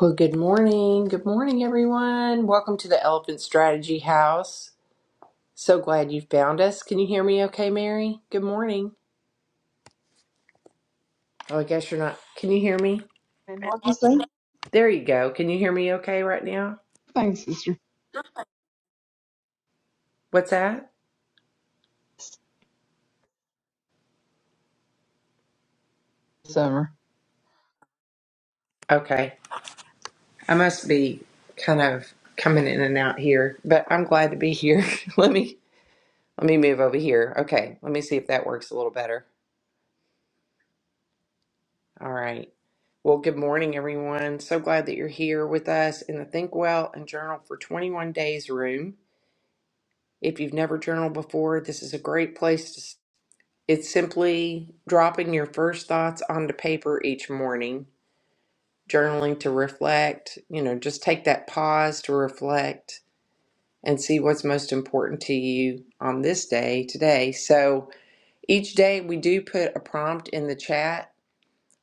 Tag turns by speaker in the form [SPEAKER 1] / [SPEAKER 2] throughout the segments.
[SPEAKER 1] Well, good morning. Good morning, everyone. Welcome to the Elephant Strategy House. So glad you found us. Can you hear me okay, Mary? Good morning. Oh, I guess you're not. Can you hear me?
[SPEAKER 2] And what'd you say?
[SPEAKER 1] There you go. Can you hear me okay right now?
[SPEAKER 2] Thanks, Sister
[SPEAKER 1] What's that?
[SPEAKER 2] Summer.
[SPEAKER 1] Okay. I must be kind of coming in and out here, but I'm glad to be here. let me let me move over here. Okay. Let me see if that works a little better. All right. Well, good morning, everyone. So glad that you're here with us in the Think Well and Journal for 21 Days room. If you've never journaled before, this is a great place to. s- It's simply dropping your first thoughts onto paper each morning, journaling to reflect, you know, just take that pause to reflect and see what's most important to you on this day today. So each day we do put a prompt in the chat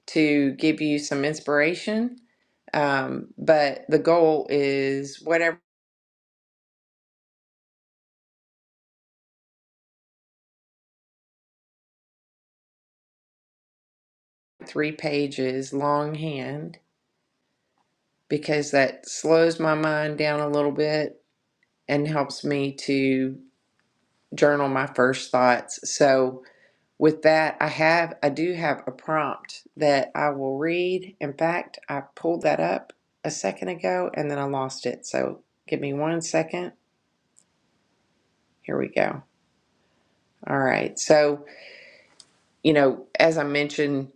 [SPEAKER 1] to give you some inspiration Um, but the goal is whatever three pages longhand, because that slows my mind down a little bit and helps me to journal my first thoughts. So with that, I have I do have a prompt that I will read. In fact, I pulled that up a second ago and then I lost it. So give me one second. Here we go. All right. So, you know, as I mentioned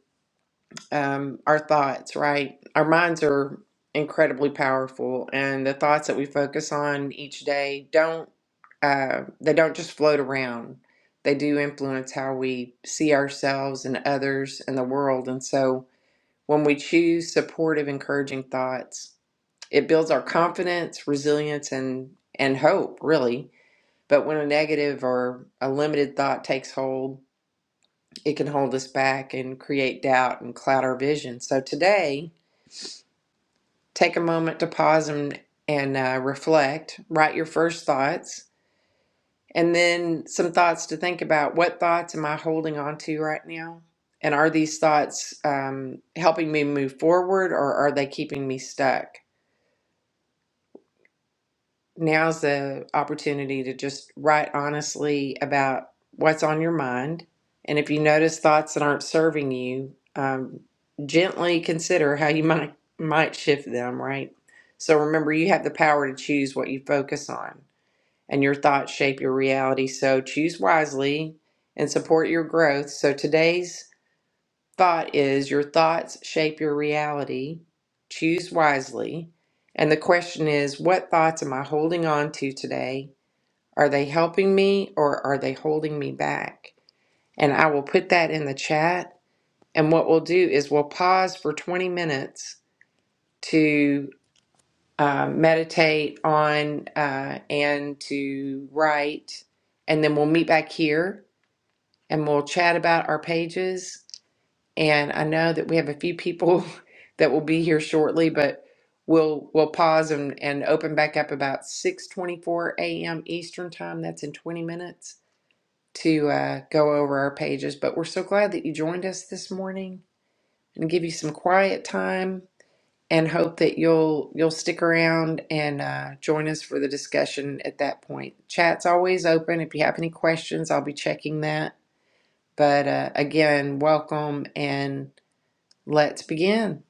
[SPEAKER 1] um, our thoughts, right? Our minds are incredibly powerful, and the thoughts that we focus on each day don't uh, they don't just float around. They do influence how we see ourselves and others and the world. And so, when we choose supportive, encouraging thoughts, it builds our confidence, resilience, and and hope, really. But when a negative or a limited thought takes hold, it can hold us back and create doubt and cloud our vision. So today, take a moment to pause and and uh, reflect write your first thoughts and then some thoughts to think about what thoughts am i holding on to right now and are these thoughts um, helping me move forward or are they keeping me stuck now's the opportunity to just write honestly about what's on your mind. And if you notice thoughts that aren't serving you, um, gently consider how you might might shift them. Right. So remember, you have the power to choose what you focus on, and your thoughts shape your reality. So choose wisely and support your growth. So today's thought is your thoughts shape your reality. Choose wisely. And the question is, what thoughts am I holding on to today? Are they helping me or are they holding me back? And I will put that in the chat. And what we'll do is we'll pause for 20 minutes to uh, meditate on uh, and to write. And then we'll meet back here and we'll chat about our pages And I know that we have a few people that will be here shortly, but we'll we'll pause and, and open back up about 6:24 a.m. Eastern time. That's in 20 minutes to uh, go over our pages. But we're so glad that you joined us this morning and give you some quiet time and hope that you'll you'll stick around and uh, join us for the discussion at that point. Chat's always open. If you have any questions, I'll be checking that. But uh, again, welcome and let's begin.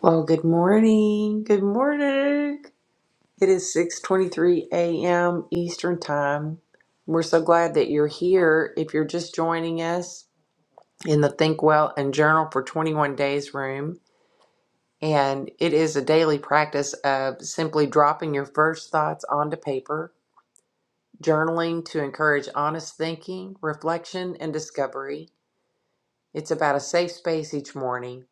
[SPEAKER 1] Well, good morning. Good morning. It is 6:23 a.m. Eastern Time. We're so glad that you're here. If you're just joining us in the Think Well and Journal for 21 Days room, and it is a daily practice of simply dropping your first thoughts onto paper, journaling to encourage honest thinking, reflection, and discovery, It's about a safe space each morning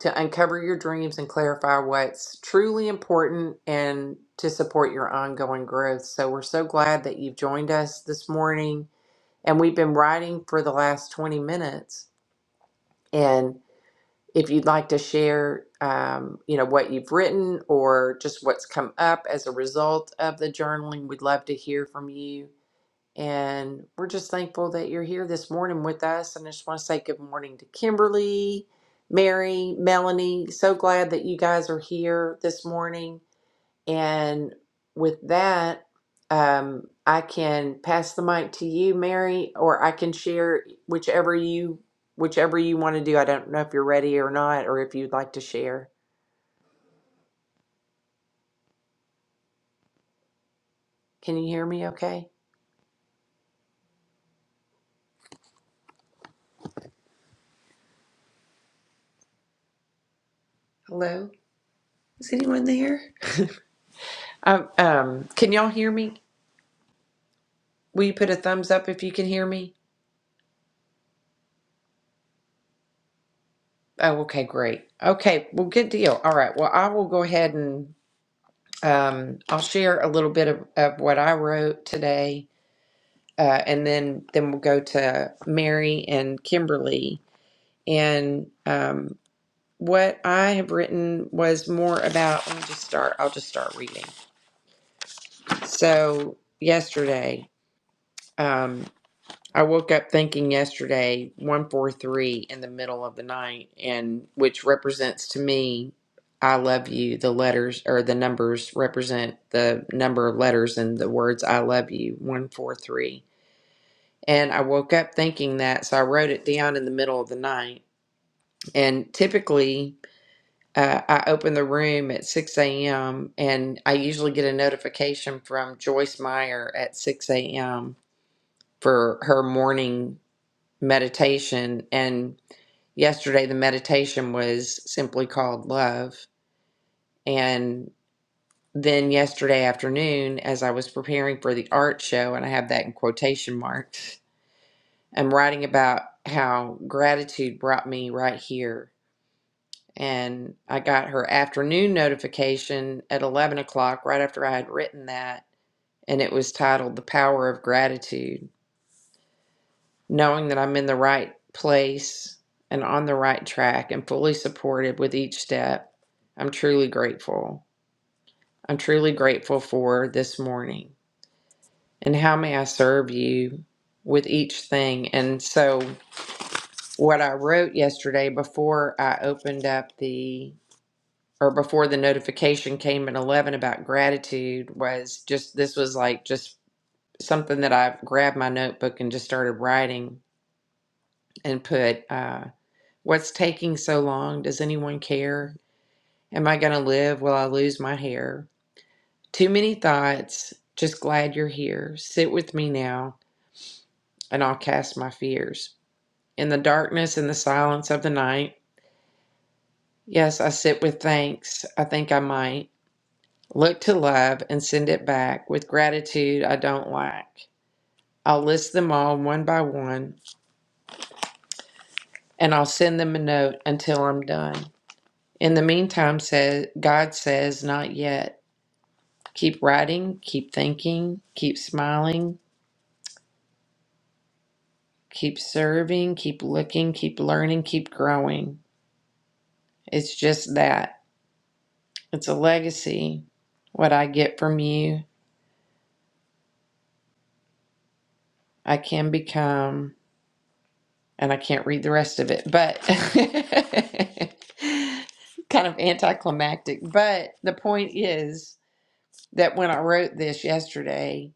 [SPEAKER 1] to uncover your dreams and clarify what's truly important and to support your ongoing growth. So, we're so glad that you've joined us this morning. And we've been writing for the last 20 minutes. And if you'd like to share, um, you know, what you've written or just what's come up as a result of the journaling, we'd love to hear from you. And we're just thankful that you're here this morning with us. And I just want to say good morning to Kimberly, Mary, Melanie. So glad that you guys are here this morning. And with that, um, I can pass the mic to you, Mary, or I can share whichever you whichever you want to do. I don't know if you're ready or not, or if you'd like to share. Can you hear me? Okay. Hello. Is anyone there? Um, um, can y'all hear me? Will you put a thumbs up if you can hear me? Oh, okay, great. Okay, well, good deal. All right. Well, I will go ahead and um, I'll share a little bit of, of what I wrote today, uh, and then then we'll go to Mary and Kimberly. And um, what I have written was more about. Let me just start. I'll just start reading. So yesterday. um, I woke up thinking yesterday 143 in the middle of the night and which represents to me I love you the letters or the numbers represent the number of letters in the words I love you 143 and I woke up thinking that so I wrote it down in the middle of the night and typically uh, I open the room at 6 a.m. and I usually get a notification from Joyce Meyer at 6 a.m. for her morning meditation and yesterday the meditation was simply called love and then yesterday afternoon as i was preparing for the art show and i have that in quotation marks i'm writing about how gratitude brought me right here and i got her afternoon notification at 11 o'clock right after i had written that and it was titled the power of gratitude knowing that I'm in the right place and on the right track and fully supported with each step, I'm truly grateful. I'm truly grateful for this morning. And how may I serve you with each thing? And so, what I wrote yesterday before I opened up the or before the notification came at 11 about gratitude was just this was like just something that I grabbed my notebook and just started writing and put. uh, What's taking so long? Does anyone care? Am I going to live? Will I lose my hair? Too many thoughts. Just glad you're here. Sit with me now, and I'll cast my fears. In the darkness and the silence of the night, yes, I sit with thanks. I think I might. Look to love and send it back with gratitude I don't lack. I'll list them all one by one, and I'll send them a note until I'm done. In the meantime, says God says, not yet. Keep writing, keep thinking, keep smiling, keep serving, keep looking, keep learning, keep growing. It's just that. It's a legacy. What I get from you, I can become, and I can't read the rest of it, but kind of anticlimactic. But the point is that when I wrote this yesterday,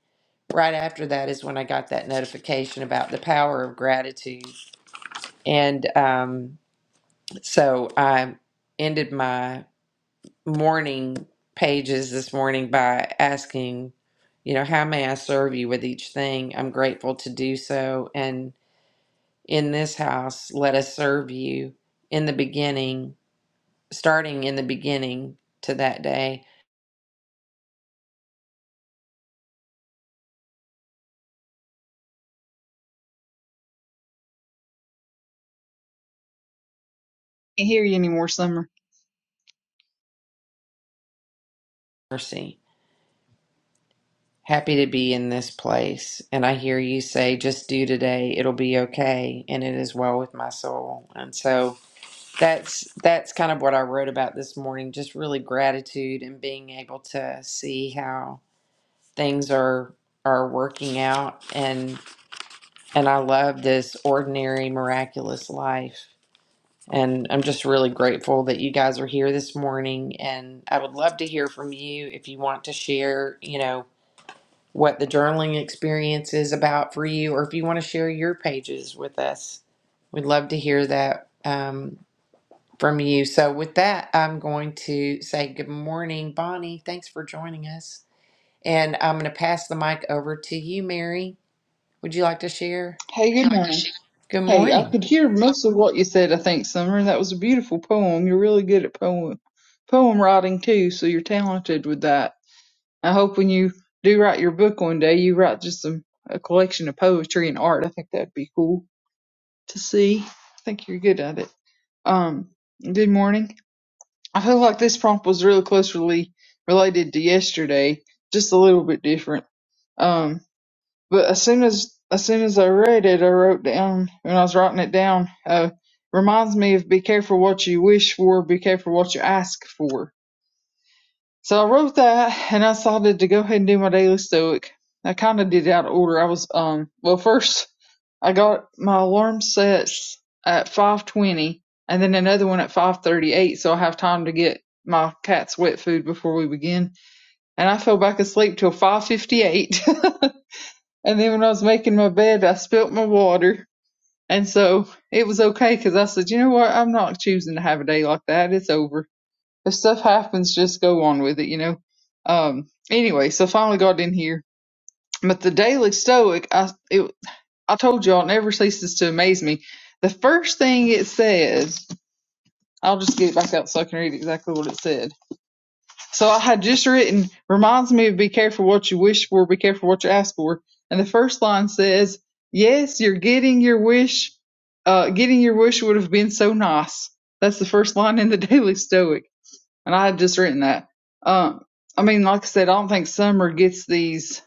[SPEAKER 1] right after that is when I got that notification about the power of gratitude. And, um, So I ended my morning pages this morning by asking, you know, how may I serve you with each thing? I'm grateful to do so. And in this house, let us serve you in the beginning, starting in the beginning to that day.
[SPEAKER 2] Can't hear you anymore, Summer.
[SPEAKER 1] Mercy. Happy to be in this place. And I hear you say, just do today. It'll be okay. And it is well with my soul. And so, that's that's kind of what I wrote about this morning. Just really gratitude and being able to see how things are are working out and and I love this ordinary miraculous life. And I'm just really grateful that you guys are here this morning and I would love to hear from you if you want to share, you know, what the journaling experience is about for you or if you want to share your pages with us. We'd love to hear that. Um, from you. So with that, I'm going to say good morning, Bonnie. Thanks for joining us. And I'm going to pass the mic over to you, Mary. Would you like to share?
[SPEAKER 2] Hey, good morning.
[SPEAKER 1] Good
[SPEAKER 2] Hey, I
[SPEAKER 1] morning.
[SPEAKER 2] could hear most of what you said, I think, Summer. That was a beautiful poem. You're really good at poem poem writing too, so you're talented with that. I hope when you do write your book one day, you write just some a collection of poetry and art. I think that'd be cool to see. I think you're good at it. Um, good morning. I feel like this prompt was really closely related to yesterday, just a little bit different. Um, But as soon as as soon as I read it, I wrote down when I was writing it down. Uh, reminds me of be careful what you wish for, be careful what you ask for. So I wrote that, and I decided to go ahead and do my daily stoic. I kind of did it out of order. I was um well first I got my alarm sets at five twenty, and then another one at five thirty eight, so I have time to get my cat's wet food before we begin. And I fell back asleep till five fifty eight. And then when I was making my bed, I spilt my water. And so it was okay because I said, you know what? I'm not choosing to have a day like that. It's over. If stuff happens, just go on with it, you know? Um, anyway, so finally got in here. But the Daily Stoic, I, it, I told y'all, it never ceases to amaze me. The first thing it says, I'll just get it back out so I can read exactly what it said So I had just written, reminds me of be careful what you wish for, be careful what you ask for. And the first line says, yes, you're getting your wish. Uh, getting your wish would have been so nice. That's the first line in the Daily Stoic. And I had just written that. Um, I mean, like I said, I don't think Summer gets these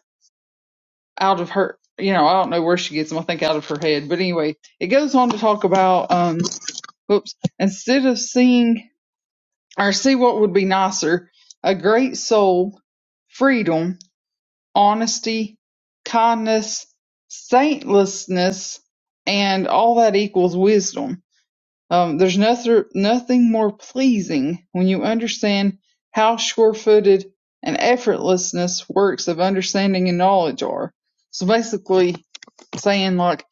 [SPEAKER 2] out of her, you know, I don't know where she gets them. I think out of her head. But anyway, it goes on to talk about, um, whoops, instead of seeing or see what would be nicer, a great soul, freedom, honesty, kindness, saintlessness, and all that equals wisdom. Um, there's nothing, nothing more pleasing when you understand how sure-footed and effortlessness works of understanding and knowledge are. So basically saying like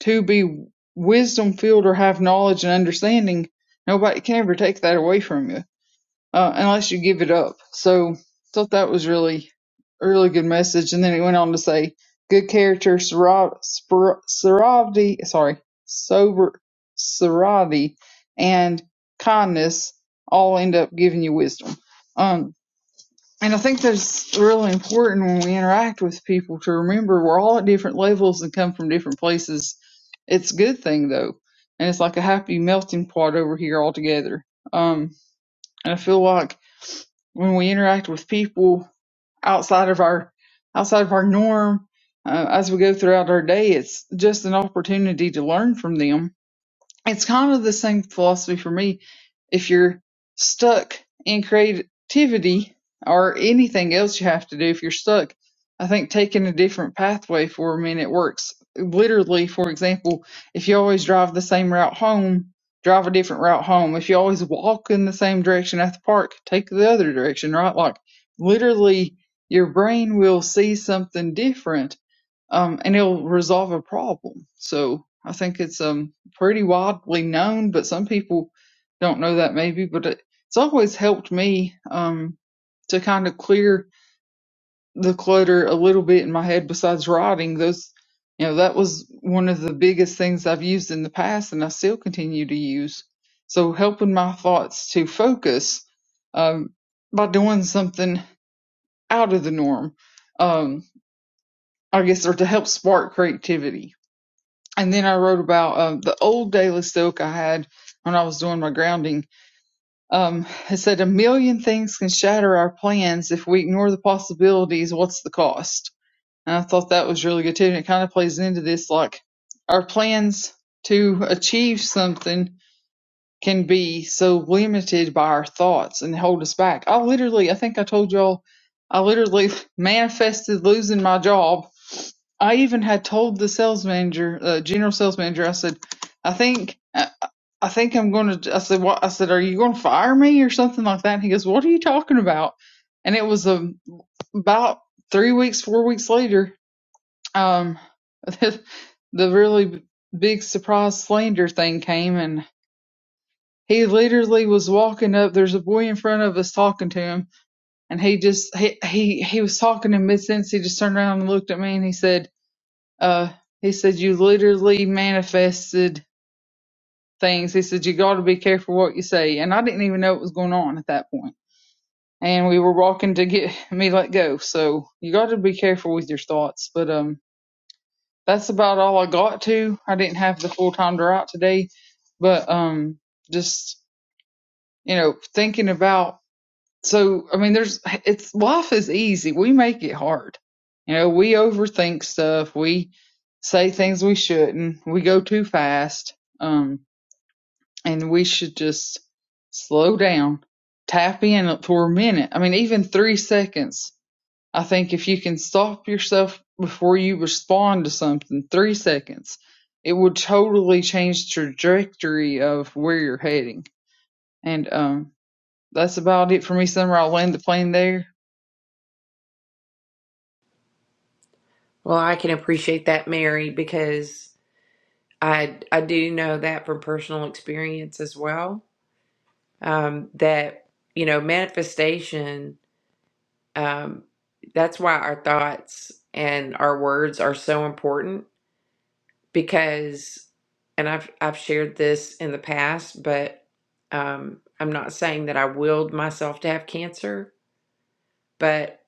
[SPEAKER 2] to be wisdom filled or have knowledge and understanding, nobody can ever take that away from you uh, unless you give it up. So thought that was really a really good message. And then it went on to say, good character, sero- spor- severity, sorry, sober, sobriety, and kindness all end up giving you wisdom. Um, and I think that's really important when we interact with people to remember we're all at different levels and come from different places. It's a good thing though, and it's like a happy melting pot over here all together. Um, and I feel like when we interact with people outside of our outside of our norm uh, as we go throughout our day it's just an opportunity to learn from them it's kind of the same philosophy for me. If you're stuck in creativity or anything else you have to do, if you're stuck, I think taking a different pathway for a minute works. Literally, for example, if you always drive the same route home, drive a different route home. If you always walk in the same direction at the park, take the other direction, right? Like, literally, your brain will see something different um, and it'll resolve a problem. So I think it's um, pretty widely known, but some people don't know that maybe. But it, it's always helped me um, to kind of clear the clutter a little bit in my head. Besides writing, those you know that was one of the biggest things I've used in the past, and I still continue to use. So helping my thoughts to focus um, by doing something out of the norm, um, I guess, or to help spark creativity and then I wrote about um, the old daily stoic I had when I was doing my grounding. Um, it said a million things can shatter our plans if we ignore the possibilities. What's the cost? And I thought that was really good too. And it kind of plays into this like our plans to achieve something can be so limited by our thoughts and hold us back. I literally, I think I told y'all, I literally manifested losing my job. I even had told the sales manager, uh, general sales manager, I said, I think, I I think I'm going to, I said, what? I said, are you going to fire me or something like that? And he goes, what are you talking about? And it was um, about three weeks, four weeks later, um, the, really big surprise slander thing came and he literally was walking up. There's a boy in front of us talking to him, and he just he he he was talking in mid sentence. He just turned around and looked at me, and he said, "Uh, he said you literally manifested things." He said you got to be careful what you say, and I didn't even know what was going on at that point. And we were walking to get me let go, so you got to be careful with your thoughts. But um, that's about all I got to. I didn't have the full time to write today, but um, just you know thinking about so I mean, there's it's life is easy. We make it hard. You know, we overthink stuff. We say things we shouldn't. We go too fast. Um, and we should just slow down, tap in for a minute. I mean, even three seconds. I think if you can stop yourself before you respond to something, three seconds, it would totally change the trajectory of where you're heading. And um, that's about it for me, Summer. I'll land the plane there.
[SPEAKER 1] Well, I can appreciate that, Mary, because I I do know that from personal experience as well. Um, that you know, manifestation. Um, that's why our thoughts and our words are so important because and I've I've shared this in the past, but um, I'm not saying that I willed myself to have cancer, but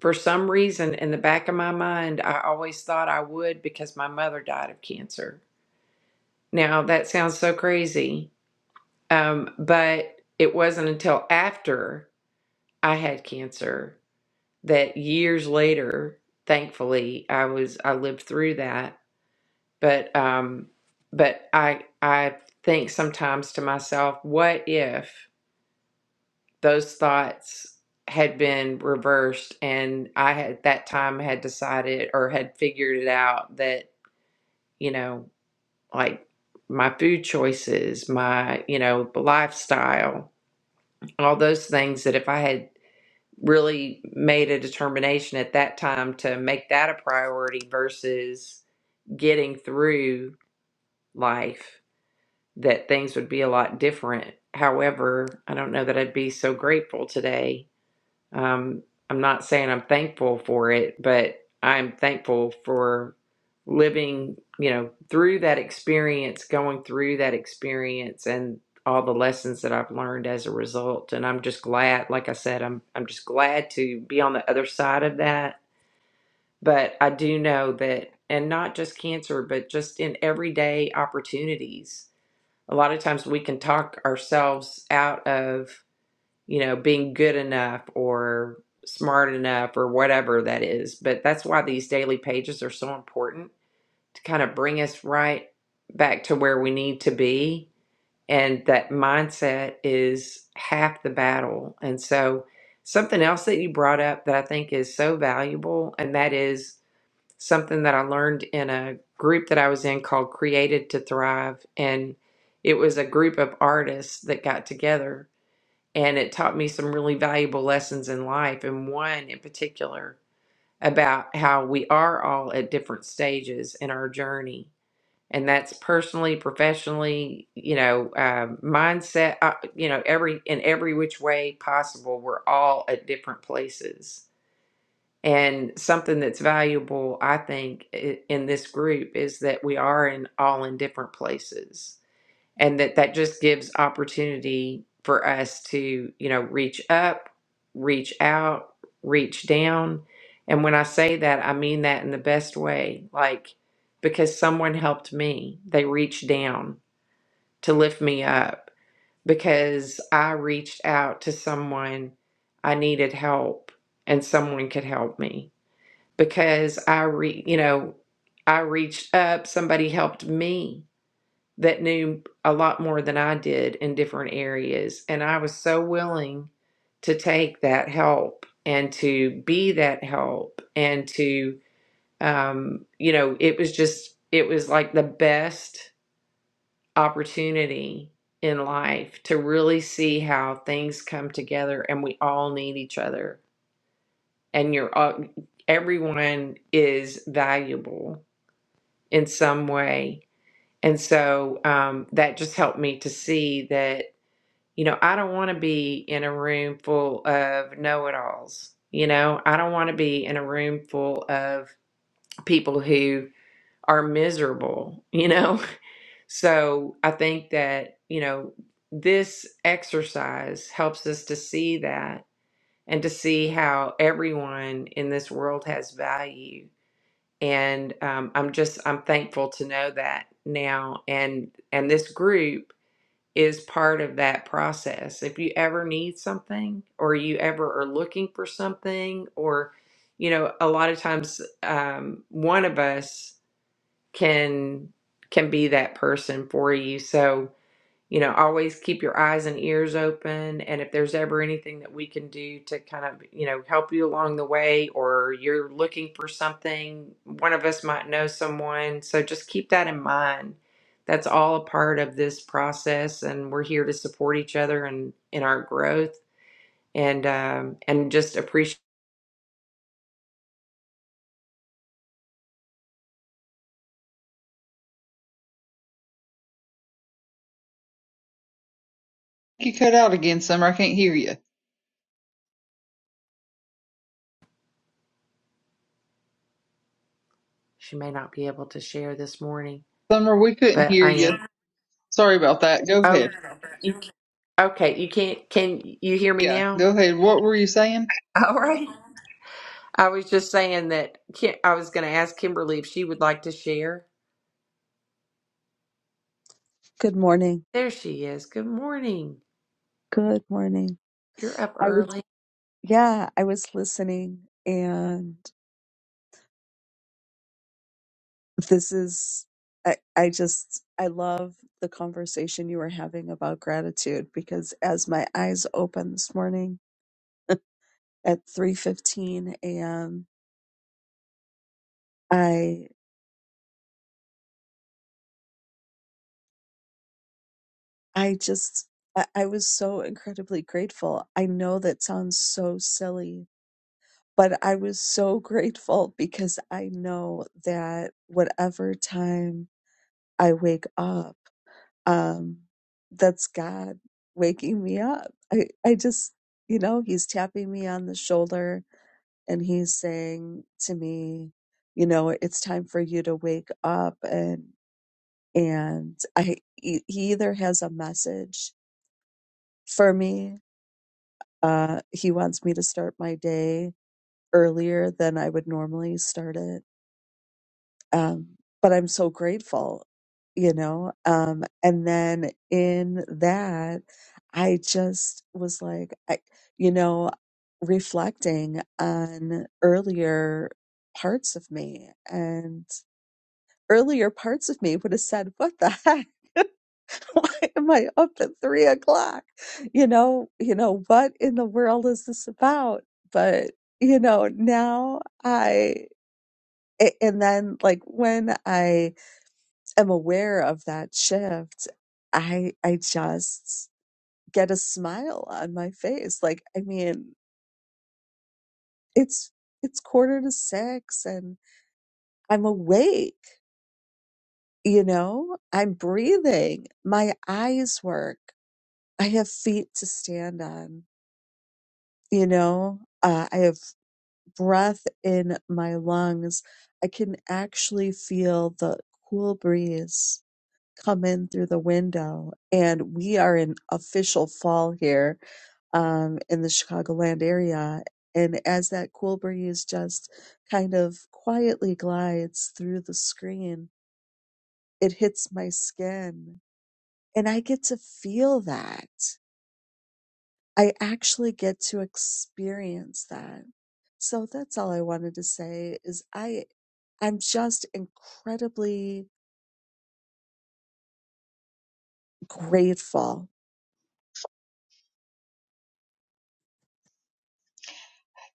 [SPEAKER 1] for some reason in the back of my mind, I always thought I would because my mother died of cancer. Now that sounds so crazy, um, but it wasn't until after I had cancer that years later, thankfully, I was I lived through that but um but i i think sometimes to myself what if those thoughts had been reversed and i had at that time had decided or had figured it out that you know like my food choices my you know lifestyle all those things that if i had really made a determination at that time to make that a priority versus getting through life that things would be a lot different. However, I don't know that I'd be so grateful today. Um, I'm not saying I'm thankful for it, but I'm thankful for living, you know, through that experience, going through that experience and all the lessons that I've learned as a result. And I'm just glad, like I said, I'm I'm just glad to be on the other side of that. But I do know that and not just cancer, but just in everyday opportunities a lot of times we can talk ourselves out of you know being good enough or smart enough or whatever that is but that's why these daily pages are so important to kind of bring us right back to where we need to be and that mindset is half the battle and so something else that you brought up that i think is so valuable and that is something that I learned in a group that I was in called Created to Thrive. And it was a group of artists that got together and it taught me some really valuable lessons in life. And one in particular about how we are all at different stages in our journey. And that's personally, professionally, you know, um mindset, uh, you know, every in every which way possible, we're all at different places and something that's valuable, I think, i- in this group is that we are in all in different places, and that that just gives opportunity for us to, you know, reach up, reach out, reach down. And when I say that, I mean that in the best way, like because someone helped me, they reached down to lift me up because I reached out to someone I needed help and someone could help me because I re you know, I reached up, somebody helped me that knew a lot more than I did in different areas. And I was so willing to take that help and to be that help and to um, you know, it was just it was like the best opportunity in life to really see how things come together and we all need each other and you're all everyone is valuable in some way. And so um, that just helped me to see that, you know, I don't want to be in a room full of know it alls. You know, I don't want to be in a room full of people who are miserable, you know? So I think that, you know, this exercise helps us to see that and to see how everyone in this world has value and um, i'm just i'm thankful to know that now and and this group is part of that process if you ever need something or you ever are looking for something or you know a lot of times um, one of us can can be that person for you so you know, always keep your eyes and ears open. And if there's ever anything that we can do to kind of, you know, help you along the way or you're looking for something, one of us might know someone. So just keep that in mind. That's all a part of this process. And we're here to support each other and in our growth and, um, and just appreciate.
[SPEAKER 2] You cut out again, Summer. I can't hear you.
[SPEAKER 1] She may not be able to share this morning,
[SPEAKER 2] Summer, we couldn't
[SPEAKER 1] but
[SPEAKER 2] hear
[SPEAKER 1] I
[SPEAKER 2] you.
[SPEAKER 1] am.
[SPEAKER 2] Sorry about that. Go
[SPEAKER 1] Oh,
[SPEAKER 2] ahead.
[SPEAKER 1] you, okay. You can't, can you hear me
[SPEAKER 2] Yeah, go
[SPEAKER 1] now?
[SPEAKER 2] ahead. What were you saying?
[SPEAKER 1] All right. I was just saying that Ki- I was going to ask Kimberly if she would like to share.
[SPEAKER 3] Good morning.
[SPEAKER 1] There she is. Good morning.
[SPEAKER 3] Good morning.
[SPEAKER 1] You're up
[SPEAKER 3] I was,
[SPEAKER 1] early.
[SPEAKER 3] yeah, I was listening and this is, I, I just, I love the conversation you were having about gratitude because as my eyes opened this morning at 3.15 a.m., I, I just, I, I was so incredibly grateful. I know that sounds so silly, but I was so grateful because I know that whatever time I wake up, um, that's God waking me up. I, I just, you know, he's tapping me on the shoulder and he's saying to me, you know, it's time for you to wake up. And, and I, he he either has a message for me. Uh, he wants me to start my day earlier than I would normally start it Um, but I'm so grateful, you know. Um, and then in that, I just was like, I, you know, reflecting on earlier parts of me and earlier parts of me would have said, "What the heck? Why am I up at three o'clock? You know, you know, what in the world is this about?" But you know, now I, a- and then like when I am aware of that shift, I I just get a smile on my face. Like I mean, it's it's quarter to six and I'm awake, you know? I'm breathing. My eyes work. I have feet to stand on, you know? Uh, I have breath in my lungs. I can actually feel the cool breeze come in through the window. And we are in official fall here um, in the Chicagoland area. And as that cool breeze just kind of quietly glides through the screen, it hits my skin. And I get to feel that. I actually get to experience that. So that's all I wanted to say is I I'm just incredibly grateful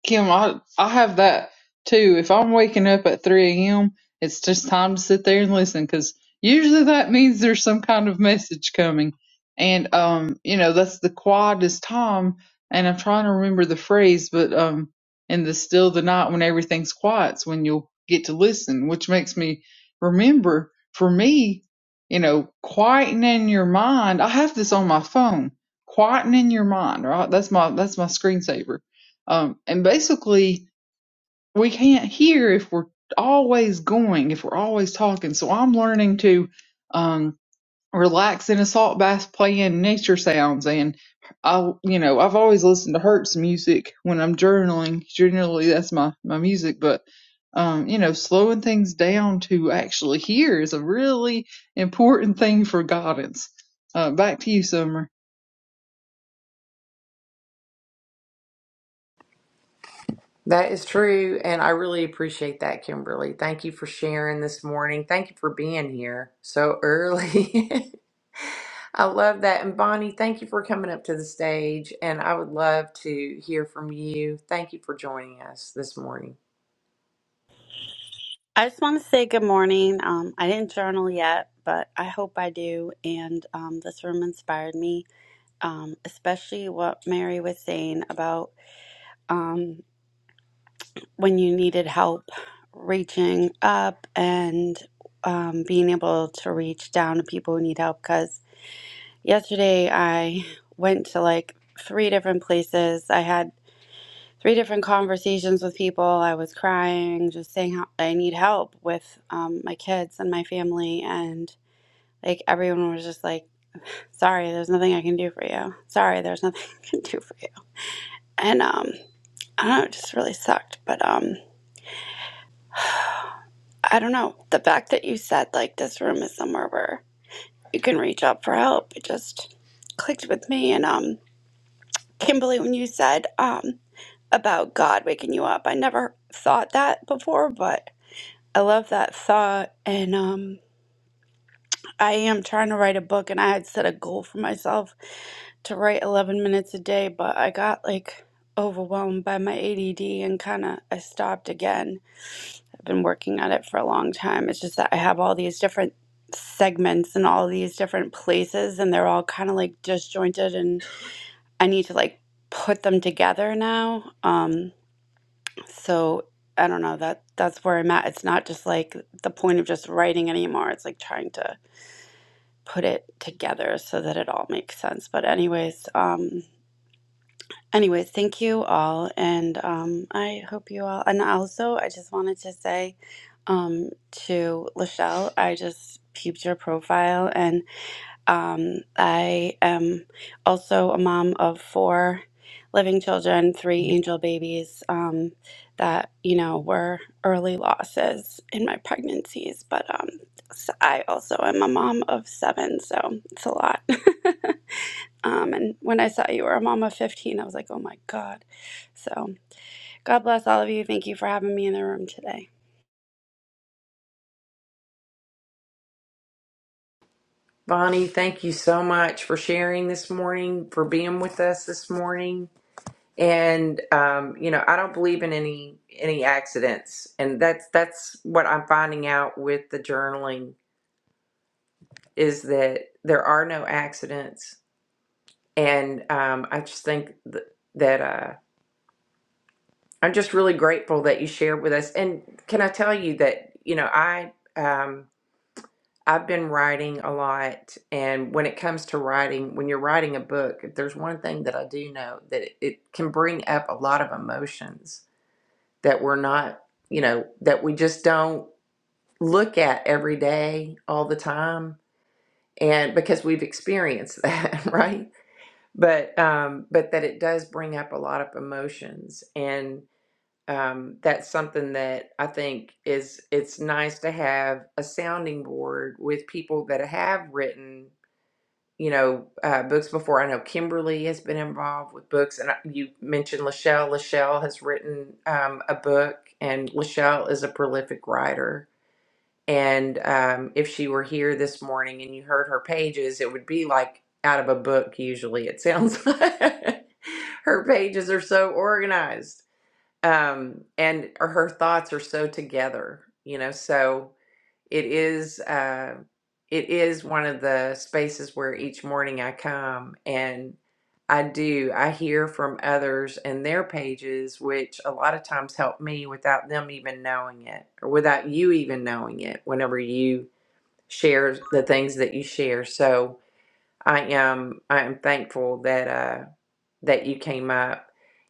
[SPEAKER 2] Kim, I I have that too. If I'm waking up at 3 a.m., it's just time to sit there and listen because usually that means there's some kind of message coming. And um, you know, that's the quietest time. And I'm trying to remember the phrase, but um, in the still of the night when everything's quiet's when you'll get to listen, which makes me remember for me, you know, quietening your mind. I have this on my phone. Quietening your mind, right? That's my that's my screensaver um, and basically, we can't hear if we're always going, if we're always talking. So I'm learning to um, relax in a salt bath playing nature sounds. And I, you know, I've always listened to Hertz music when I'm journaling. Generally, that's my, my music. But, um, you know, slowing things down to actually hear is a really important thing for guidance. Uh, back to you, Summer.
[SPEAKER 1] That is true. And I really appreciate that, Kimberly. Thank you for sharing this morning. Thank you for being here so early. I love that. And Bonnie, thank you for coming up to the stage. And I would love to hear from you. Thank you for joining us this morning.
[SPEAKER 4] I just want to say good morning. Um, I didn't journal yet, but I hope I do. And um, this room inspired me, um, especially what Mary was saying about um, when you needed help reaching up and um, being able to reach down to people who need help. Because yesterday I went to like three different places. I had three different conversations with people. I was crying, just saying how I need help with um, my kids and my family. And like everyone was just like, sorry, there's nothing I can do for you. Sorry, there's nothing I can do for you. And um, I don't know, it just really sucked. But um, I don't know. The fact that you said like this room is somewhere where you can reach out for help, it just clicked with me. And um, Kimberly, when you said um, about God waking you up, I never thought that before, but I love that thought. And um, I am trying to write a book, and I had set a goal for myself to write 11 minutes a day, but I got like overwhelmed by my ADD and kind of I stopped again. I've been working at it for a long time. It's just that I have all these different segments and all these different places, and they're all kind of like disjointed, and I need to like put them together now. Um, So I don't know that that's where I'm at. It's not just like the point of just writing anymore. It's like trying to put it together so that it all makes sense. But anyways, um anyways, thank you all and um I hope you all and also I just wanted to say um to Lachelle, I just peeped your profile and. Um, I am also a mom of four living children, three angel babies um, that, you know, were early losses in my pregnancies. But um, s- I also am a mom of seven, so it's a lot. um, and when I saw you were a mom of 15, I was like, oh my God. So God bless all of you. Thank you for having me in the room today.
[SPEAKER 1] Bonnie, thank you so much for sharing this morning, for being with us this morning. and um, you know i don't believe in any any accidents and that's that's what i'm finding out with the journaling is that there are no accidents and um, i just think th- that uh, i'm just really grateful that you shared with us and can i tell you that you know i um, i've been writing a lot and when it comes to writing when you're writing a book if there's one thing that i do know that it, it can bring up a lot of emotions that we're not, you know, that we just don't look at every day all the time and because we've experienced that, right? But um but that it does bring up a lot of emotions and um that's something that I think is it's nice to have a sounding board with people that have written you know, uh, books before. I know Kimberly has been involved with books, and I- you mentioned Lachelle. Lachelle has written um, a book, and Lachelle is a prolific writer. And um, if she were here this morning and you heard her pages, it would be like out of a book, usually, it sounds like. her pages are so organized, um, and her thoughts are so together, you know, so. It is uh, it is one of the spaces where each morning I come and I do I hear from others and their pages, which a lot of times help me without them even knowing it or without you even knowing it. Whenever you share the things that you share, so I am I am thankful that. uh, that you came up.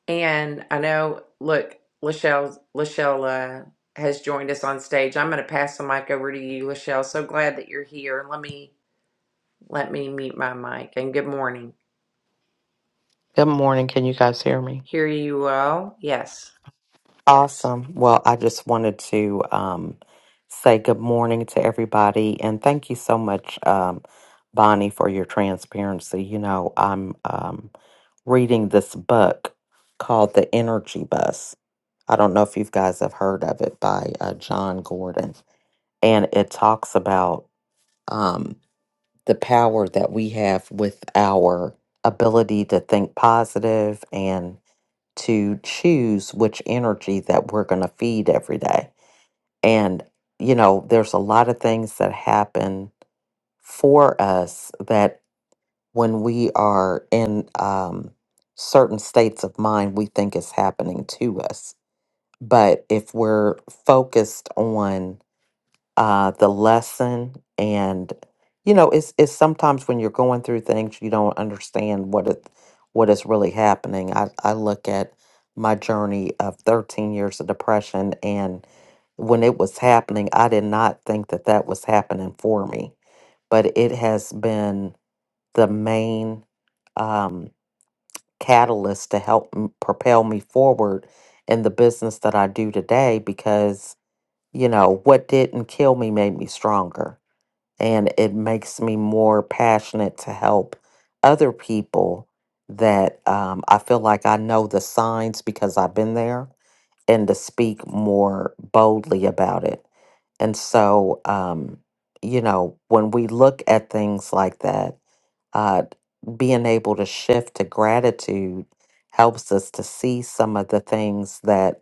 [SPEAKER 1] And I know, look, Lachelle, Lachelle uh, has joined us on stage. I'm going to pass the mic over to you, Lachelle. So glad that you're here. Let me let me mute my mic. And good morning.
[SPEAKER 5] Good morning. Can you guys hear me?
[SPEAKER 1] Hear you all? Yes.
[SPEAKER 5] Awesome. Well, I just wanted to um, say good morning to everybody and thank you so much, um, Bonnie, for your transparency. You know, I'm um, reading this book called The Energy Bus. I don't know if you guys have heard of it by uh, John Gordon. And it talks about um, the power that we have with our ability to think positive to choose which energy that we're going to feed every day. And, you know, there's a lot of things that happen for us that when we are in um, certain states of mind, we think is happening to us. But if we're focused on uh, the lesson and you know it's it's sometimes when you're going through things you don't understand what it what is really happening i i look at my journey of 13 years of depression and when it was happening i did not think that that was happening for me but it has been the main um, catalyst to help m- propel me forward in the business that I do today because you know, what didn't kill me made me stronger. And it makes me more passionate to help other people that um, I feel like I know the signs because I've been there and to speak more boldly about it. And so, um, you know, when we look at things like that, uh, being able to shift to gratitude helps us to see some of the things that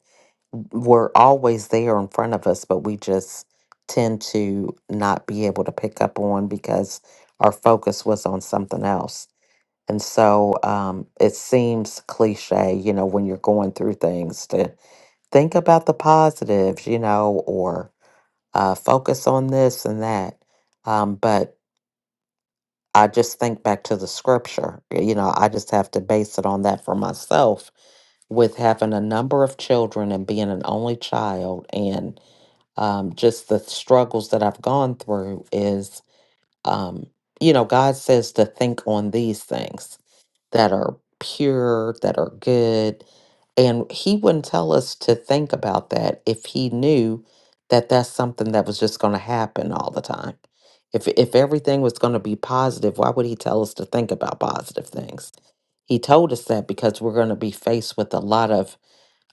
[SPEAKER 5] were always there in front of us, but we just tend to not be able to pick up on because our focus was on something else. And so um, it seems cliche, you know, when you're going through things to think about the positives, you know, or uh, focus on this and that. Um, but I just think back to the scripture, you know, I just have to base it on that for myself with having a number of children and being an only child and um, just the struggles that I've gone through is, um, you know, God says to think on these things that are pure, that are good. And He wouldn't tell us to think about that if He knew that that's something that was just going to happen all the time. If, if everything was going to be positive, why would He tell us to think about positive things? He told us that because we're going to be faced with a lot of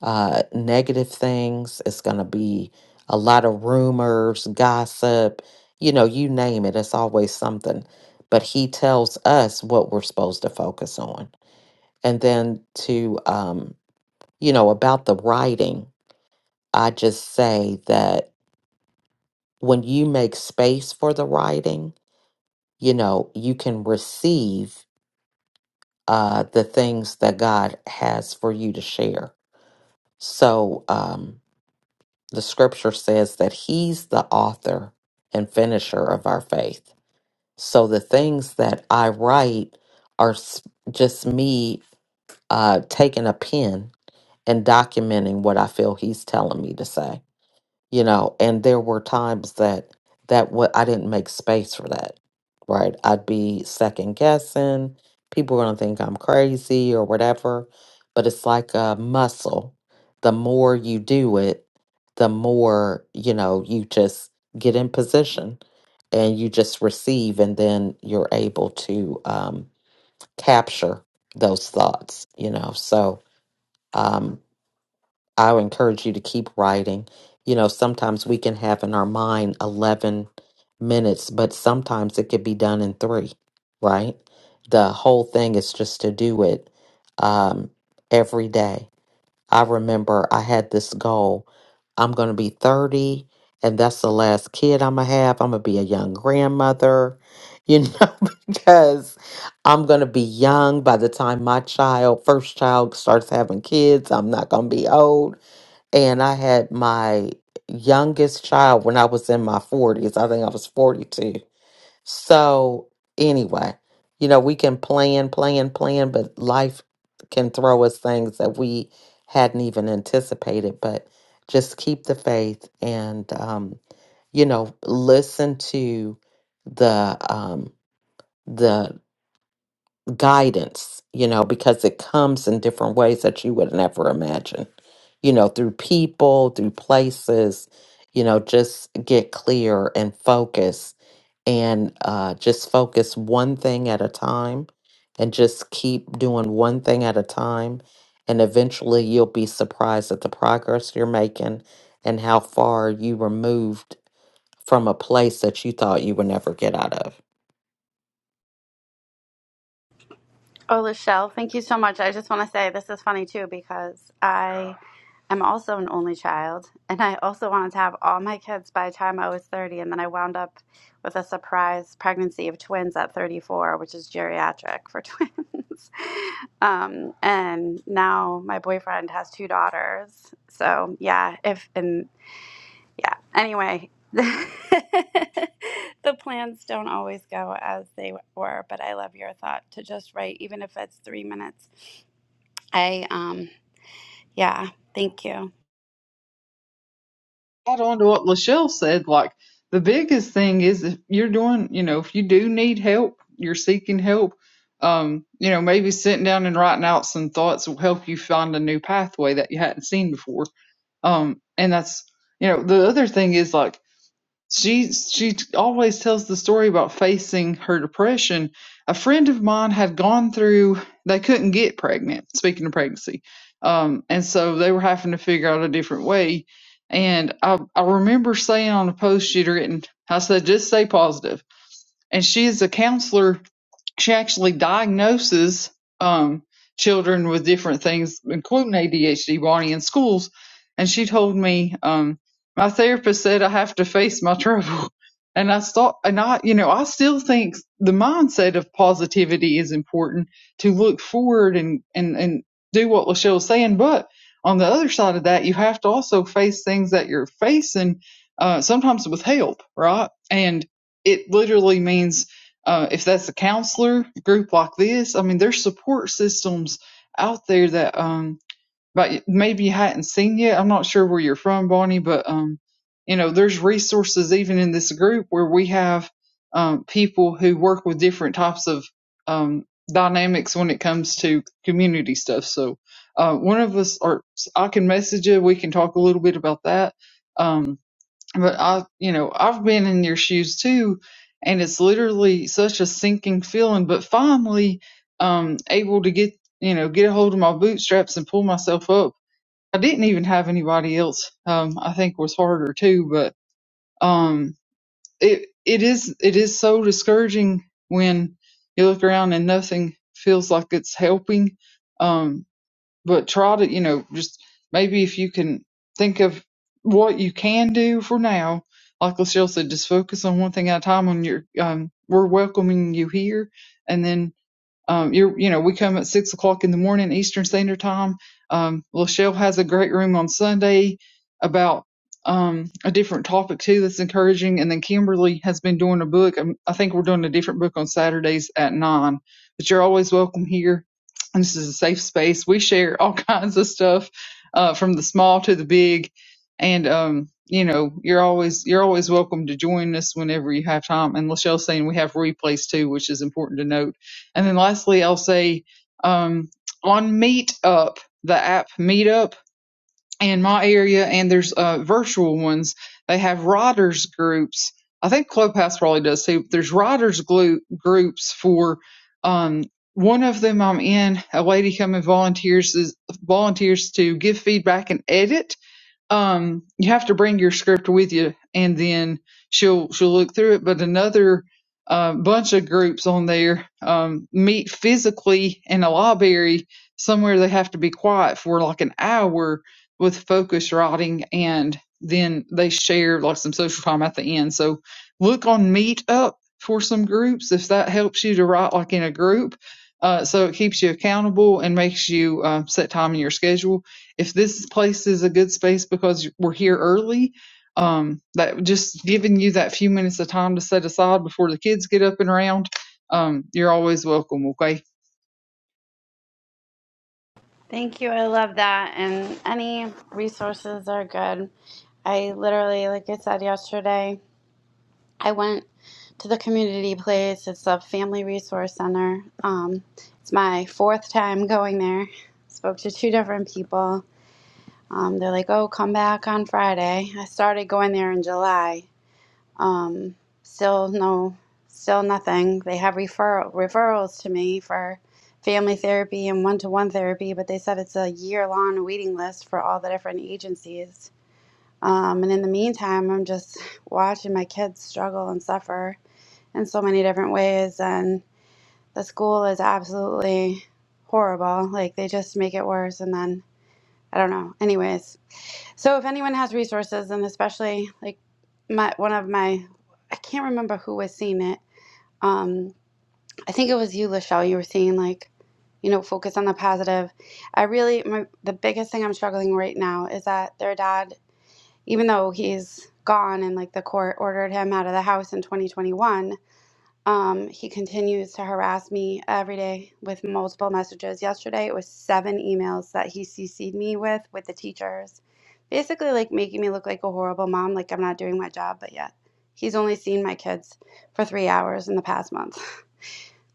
[SPEAKER 5] uh, negative things. It's going to be a lot of rumors, gossip, you know, you name it. It's always something. But he tells us what we're supposed to focus on. And then to, um, you know, about the writing, I just say that when you make space for the writing, you know, you can receive uh, the things that God has for you to share. So, um, The scripture says that he's the author and finisher of our faith. So the things that I write are s- just me uh, taking a pen and documenting what I feel he's telling me to say you know and there were times that that what i didn't make space for that right i'd be second guessing people are going to think i'm crazy or whatever but it's like a muscle the more you do it the more you know you just get in position and you just receive and then you're able to um, capture those thoughts you know so um, I would encourage you to keep writing. You know, sometimes we can have in our mind 11 minutes, but sometimes it could be done in three, right? The whole thing is just to do it um, every day. I remember I had this goal I'm going to be 30, and that's the last kid I'm going to have. I'm going to be a young grandmother, you know, because I'm going to be young by the time my child, first child, starts having kids. I'm not going to be old and I had my youngest child when I was in my 40s. I think I was 42. So, anyway, you know, we can plan, plan, plan, but life can throw us things that we hadn't even anticipated. But just keep the faith and, um, you know, listen to the um, the guidance, you know, because it comes in different ways that you would never imagine, you know, through people, through places, you know, just get clear and focus and uh, just focus one thing at a time and just keep doing one thing at a time. And eventually you'll be surprised at the progress you're making and how far you were moved from a place that you thought you would never get out of.
[SPEAKER 4] Oh, Lachelle, thank you so much. I just want to say this is funny too because I am also an only child and I also wanted to have all my kids by the time I was 30. And then I wound up with a surprise pregnancy of twins at 34, which is geriatric for twins. Um, and now my boyfriend has two daughters. So, yeah, if and yeah. Anyway, the plans don't always go as they were, but I love your thought to just write, even if it's three minutes. I, um, yeah, thank you.
[SPEAKER 2] add on to what Lachelle said, like the biggest thing is if you're doing, you know, if you do need help, you're seeking help, um, you know, maybe sitting down and writing out some thoughts will help you find a new pathway that you hadn't seen before. Um, and that's, you know, the other thing is like she she always tells the story about facing her depression. A friend of mine had gone through they couldn't get pregnant, speaking of pregnancy. Um, and so they were having to figure out a different way. And I, I remember saying on a post she'd written, I said, just stay positive. And she is a counselor she actually diagnoses um, children with different things, including ADHD, Bonnie, in schools. And she told me, um, my therapist said I have to face my trouble. And I thought, and I, you know, I still think the mindset of positivity is important to look forward and, and, and do what Lachelle's saying. But on the other side of that, you have to also face things that you're facing, uh, sometimes with help, right? And it literally means uh, if that's a counselor group like this, I mean, there's support systems out there that um, but maybe you hadn't seen yet. I'm not sure where you're from, Bonnie, but um, you know, there's resources even in this group where we have um, people who work with different types of um, dynamics when it comes to community stuff. So uh, one of us, or I can message you. We can talk a little bit about that. Um, but I, you know, I've been in your shoes too, and it's literally such a sinking feeling. But finally, um, able to get, you know, get a hold of my bootstraps and pull myself up. I didn't even have anybody else. Um, I think was harder too, but um, it it is it is so discouraging when you look around and nothing feels like it's helping. Um, but try to, you know, just maybe if you can think of what you can do for now, like Lachelle said, just focus on one thing at a time. On your, um, we're welcoming you here, and then um, you're, you know, we come at six o'clock in the morning Eastern Standard Time. Um, Lachelle has a great room on Sunday about um, a different topic too that's encouraging. And then Kimberly has been doing a book. Um, I think we're doing a different book on Saturdays at nine. But you're always welcome here. And this is a safe space. We share all kinds of stuff uh, from the small to the big. And um, you know, you're always you're always welcome to join us whenever you have time. And Lachelle's saying we have replays too, which is important to note and then lastly, I'll say um, on Meetup, the app Meetup in my area, and there's uh, virtual ones, they have riders groups. I think Clubhouse probably does too. There's riders glu- groups for um, one of them I'm in. A lady come and volunteers volunteers to give feedback and edit um you have to bring your script with you and then she'll she'll look through it but another uh, bunch of groups on there um, meet physically in a library somewhere they have to be quiet for like an hour with focus writing and then they share like some social time at the end so look on meetup for some groups if that helps you to write like in a group uh, so it keeps you accountable and makes you uh, set time in your schedule if this place is a good space because we're here early, um, that just giving you that few minutes of time to set aside before the kids get up and around, um, you're always welcome. Okay.
[SPEAKER 4] Thank you. I love that. And any resources are good. I literally, like I said yesterday, I went to the community place. It's a family resource center. Um, it's my fourth time going there. Spoke to two different people Um, they're like, oh, come back on Friday. I started going there in July. Um, still no, still nothing. They have referral referrals to me for family therapy and one to one therapy, but they said it's a year long waiting list for all the different agencies. Um, and in the meantime, I'm just watching my kids struggle and suffer in so many different ways. And the school is absolutely horrible. Like they just make it worse. And then I don't know. Anyways, so if anyone has resources, and especially like my one of my, I can't remember who was seeing it. Um, I think it was you, Lachelle. You were seeing like, you know, focus on the positive. I really my the biggest thing I'm struggling right now is that their dad, even though he's gone and like the court ordered him out of the house in 2021, um, he continues to harass me every day with multiple messages. Yesterday, it was seven emails that he CC'd me with with the teachers, basically like making me look like a horrible mom, like I'm not doing my job. But yet, he's only seen my kids for three hours in the past month.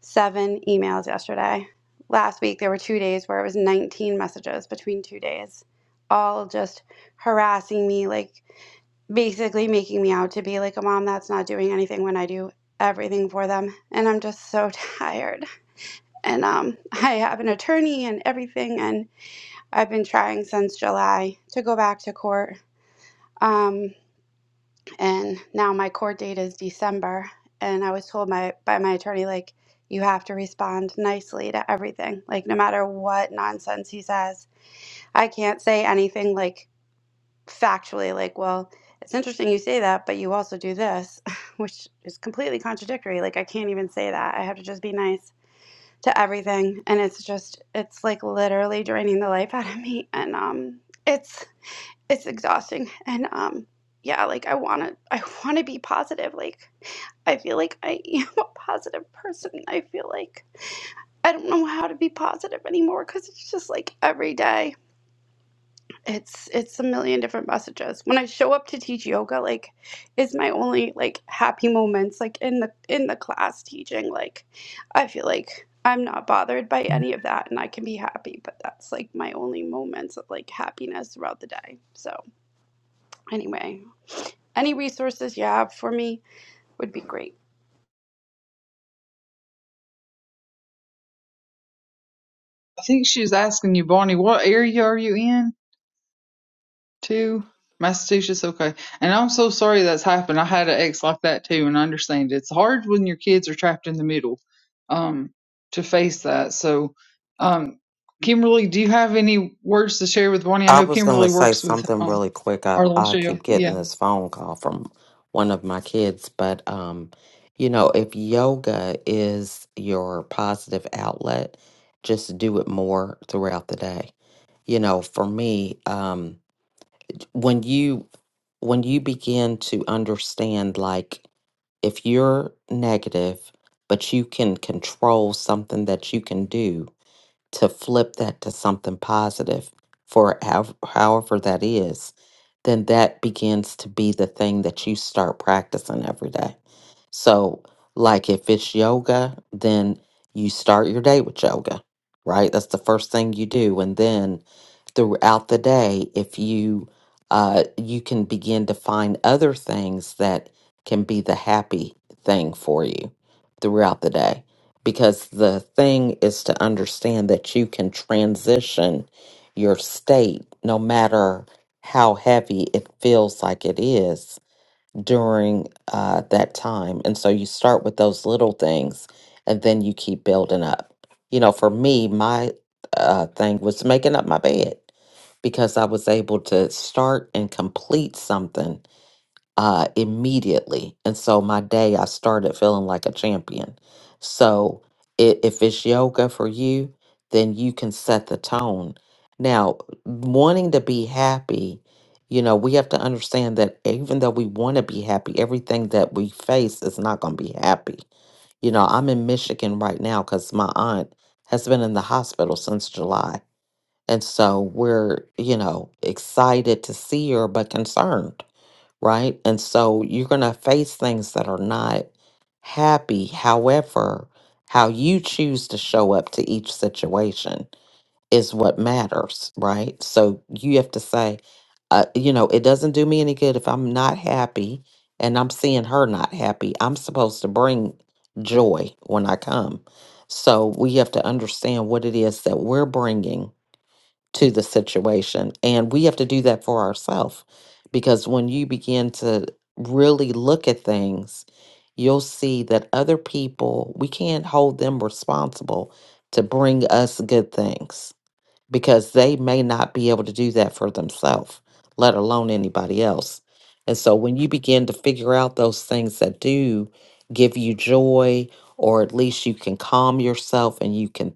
[SPEAKER 4] Seven emails yesterday. Last week, there were two days where it was 19 messages between two days, all just harassing me, like basically making me out to be like a mom that's not doing anything when I do everything for them. And I'm just so tired. And um, I have an attorney and everything, and I've been trying since July to go back to court. Um, and now my court date is December, and I was told my by my attorney like you have to respond nicely to everything, like no matter what nonsense he says. I can't say anything like factually like, well, it's interesting you say that, but you also do this, which is completely contradictory. Like, I can't even say that. I have to just be nice to everything. And it's just, it's like literally draining the life out of me. And, um, it's, it's exhausting. And, um, yeah, like I want to, I want to be positive. Like, I feel like I am a positive person. I feel like I don't know how to be positive anymore because it's just like every day it's it's a million different messages when i show up to teach yoga like it's my only like happy moments like in the in the class teaching like i feel like i'm not bothered by any of that and i can be happy but that's like my only moments of like happiness throughout the day so anyway any resources you have for me would be great
[SPEAKER 2] I think she was asking you, Bonnie, what area are you in? too, Massachusetts. Okay. And I'm so sorry that's happened. I had an ex like that too, and I understand it's hard when your kids are trapped in the middle, um, to face that. So, um, Kimberly, do you have any words to share with Bonnie? I
[SPEAKER 5] I
[SPEAKER 2] know
[SPEAKER 5] was going to
[SPEAKER 2] Kimberly
[SPEAKER 5] say
[SPEAKER 2] works with
[SPEAKER 5] something
[SPEAKER 2] um,
[SPEAKER 5] really quick. I,
[SPEAKER 2] Our little
[SPEAKER 5] I
[SPEAKER 2] show.
[SPEAKER 5] keep getting
[SPEAKER 2] Yeah.
[SPEAKER 5] this phone call from one of my kids, but um, you know, if yoga is your positive outlet, just do it more throughout the day. You know, for me, um, when you when you begin to understand, like if you're negative, but you can control something that you can do, to flip that to something positive for how, however that is, then that begins to be the thing that you start practicing every day. So, like if it's yoga, then you start your day with yoga, right? That's the first thing you do. And then throughout the day, if you uh, you can begin to find other things that can be the happy thing for you throughout the day because the thing is to understand that you can transition your state no matter how heavy it feels like it is during uh, that time. And so you start with those little things and then you keep building up. You know, for me, my uh, thing was making up my bed because I was able to start and complete something uh, immediately. And so my day, I started feeling like a champion. So i if it's yoga for you, then you can set the tone. Now, wanting to be happy, you know, we have to understand that even though we want to be happy, everything that we face is not going to be happy. You know, I'm in Michigan right now because my aunt has been in the hospital since July. And so we're, you know, excited to see her, but concerned right? And so you're going to face things that are not happy. However, how you choose to show up to each situation is what matters, right? So you have to say, uh, you know, it doesn't do me any good if I'm not happy and I'm seeing her not happy. I'm supposed to bring joy when I come. So we have to understand what it is that we're bringing to the situation. And we have to do that for ourselves because when you begin to really look at things, you'll see that other people, we can't hold them responsible to bring us good things because they may not be able to do that for themselves, let alone anybody else. And so when you begin to figure out those things that do give you joy, or at least you can calm yourself and you can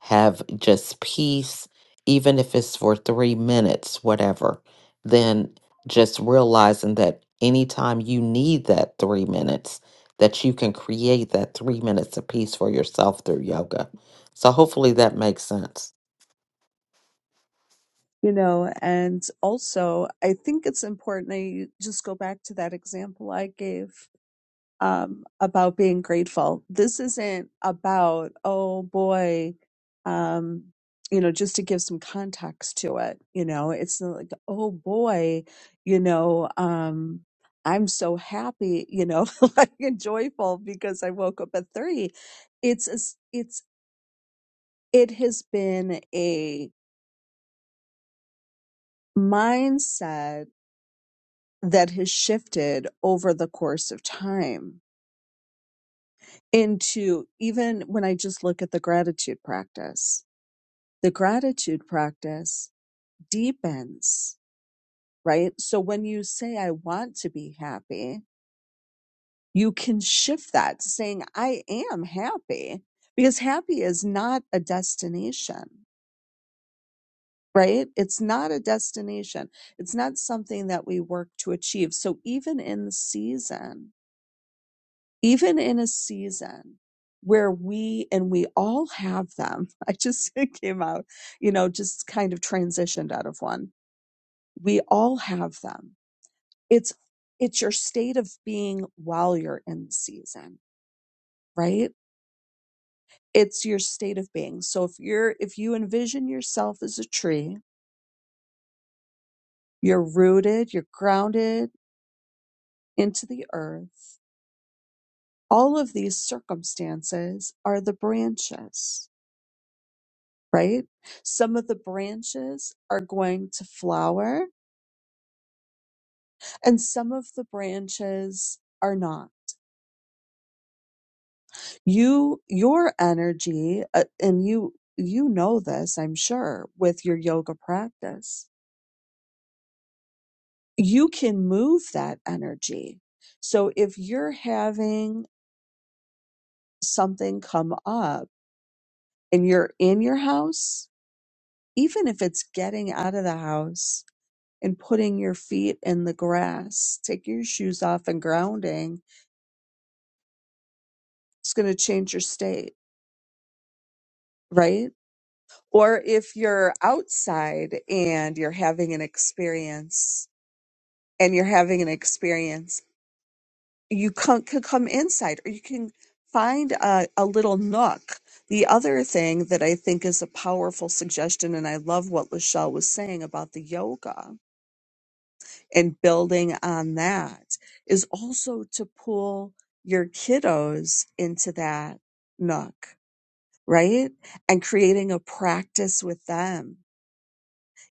[SPEAKER 5] have just peace, even if it's for three minutes, whatever, then just realizing that anytime you need that three minutes, that you can create that three minutes of peace for yourself through yoga. So hopefully that makes sense.
[SPEAKER 3] you know and also i think it's important that you just go back to that example i gave um, about being grateful this isn't about oh boy um, you know just to give some context to it you know it's not like oh boy you know um, i'm so happy you know like and joyful because i woke up at three it's a s- it's it has been a mindset that has shifted over the course of time into even when I just look at the gratitude practice, the gratitude practice deepens, right? So when you say, I want to be happy, you can shift that to saying, I am happy because happy is not a destination. Right? It's not a destination. It's not something that we work to achieve. So even in the season, even in a season where we and we all have them i just came out you know just kind of transitioned out of one we all have them it's it's your state of being while you're in the season right it's your state of being so if you're if you envision yourself as a tree you're rooted you're grounded into the earth all of these circumstances are the branches right? Some of the branches are going to flower and some of the branches are not. You, your energy, uh, and you, you know this, I'm sure, with your yoga practice, you can move that energy. So if you're having something come up and you're in your house, even if it's getting out of the house and putting your feet in the grass, taking your shoes off and grounding, it's going to change your state, right? Or if you're outside and you're having an experience and you're having an experience, you can, can come inside or you can find a, a little nook. The other thing that I think is a powerful suggestion, and I love what Lachelle was saying about the yoga and building on that, is also to pull your kiddos into that nook right? And creating a practice with them,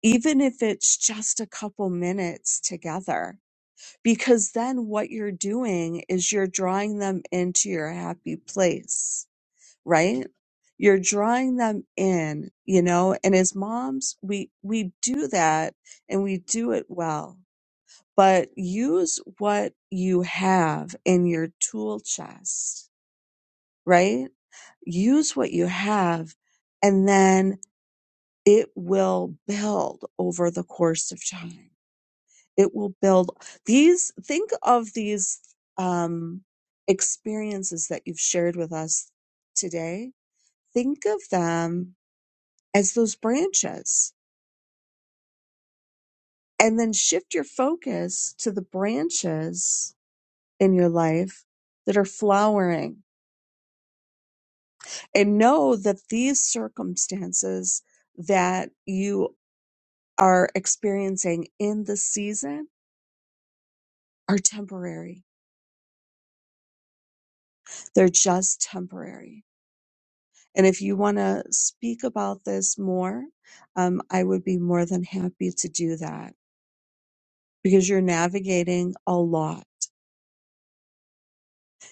[SPEAKER 3] even if it's just a couple minutes together, because then what you're doing is you're drawing them into your happy place, right? You're drawing them in, you know, and as moms, we, we do that and we do it well, but use what you have in your tool chest, right? Use what you have and then it will build over the course of time. It will build these, think of these um, experiences that you've shared with us today. Think of them as those branches and then shift your focus to the branches in your life that are flowering and know that these circumstances that you are experiencing in the season are temporary They're just temporary. And if you want to speak about this more, um, I would be more than happy to do that because you're navigating a lot.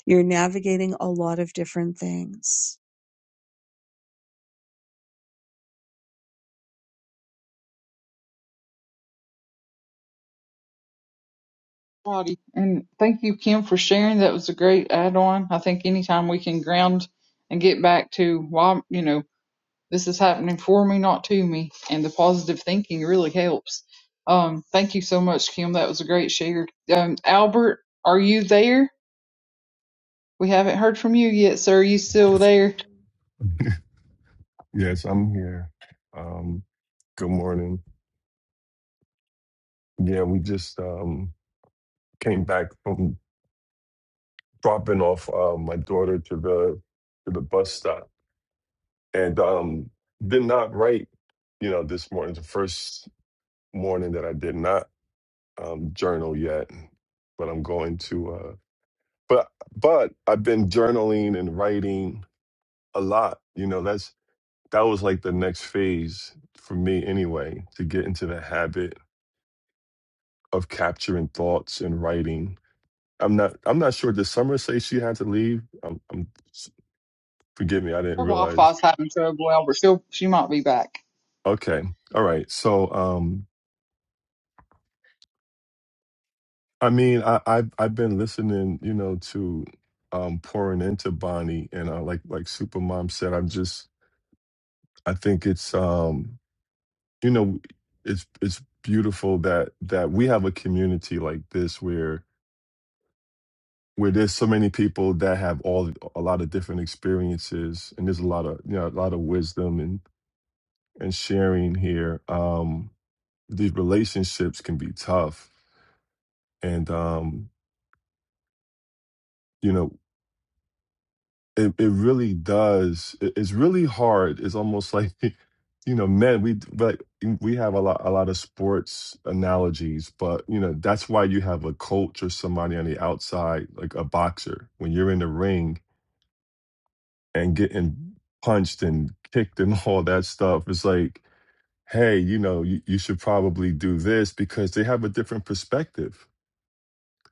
[SPEAKER 3] You're navigating a lot of different things.
[SPEAKER 2] Alrighty. And thank you, Kim, for sharing. That was a great add on. I think anytime we can ground and get back to why, you know, this is happening for me, not to me, and the positive thinking really helps. Um, thank you so much, Kim. That was a great share. Um, Albert, are you there? We haven't heard from you yet, sir. Are you still there?
[SPEAKER 6] Yes, I'm here. Um, good morning. Yeah, we just um, came back from dropping off uh, my daughter to the to the bus stop, and um, did not write. You know, this morning, the first morning that I did not um, journal yet, but I'm going to. Uh, but but I've been journaling and writing a lot. You know, that's that was like the next phase for me anyway to get into the habit of capturing thoughts and writing. I'm not. I'm not sure. Did Summer say she had to leave? Um I'm forgive me. I didn't
[SPEAKER 2] Her Wi
[SPEAKER 6] realize.
[SPEAKER 2] Fi's having trouble, Albert. She'll, she might be back.
[SPEAKER 6] Okay. All right. So, um, I mean, I, I've I've been listening, you know, to um, pouring into Bonnie, and uh, like like Supermom said, I'm just. I think it's um, you know, it's it's beautiful that that we have a community like this where where there's so many people that have all a lot of different experiences and there's a lot of you know a lot of wisdom and and sharing here um these relationships can be tough and um you know it, it really does it- it's really hard it's almost like you know men we but we have a lot a lot of sports analogies but you know that's why you have a coach or somebody on the outside like a boxer when you're in the ring and getting punched and kicked and all that stuff. It's like, hey, you know, you, you should probably do this because they have a different perspective.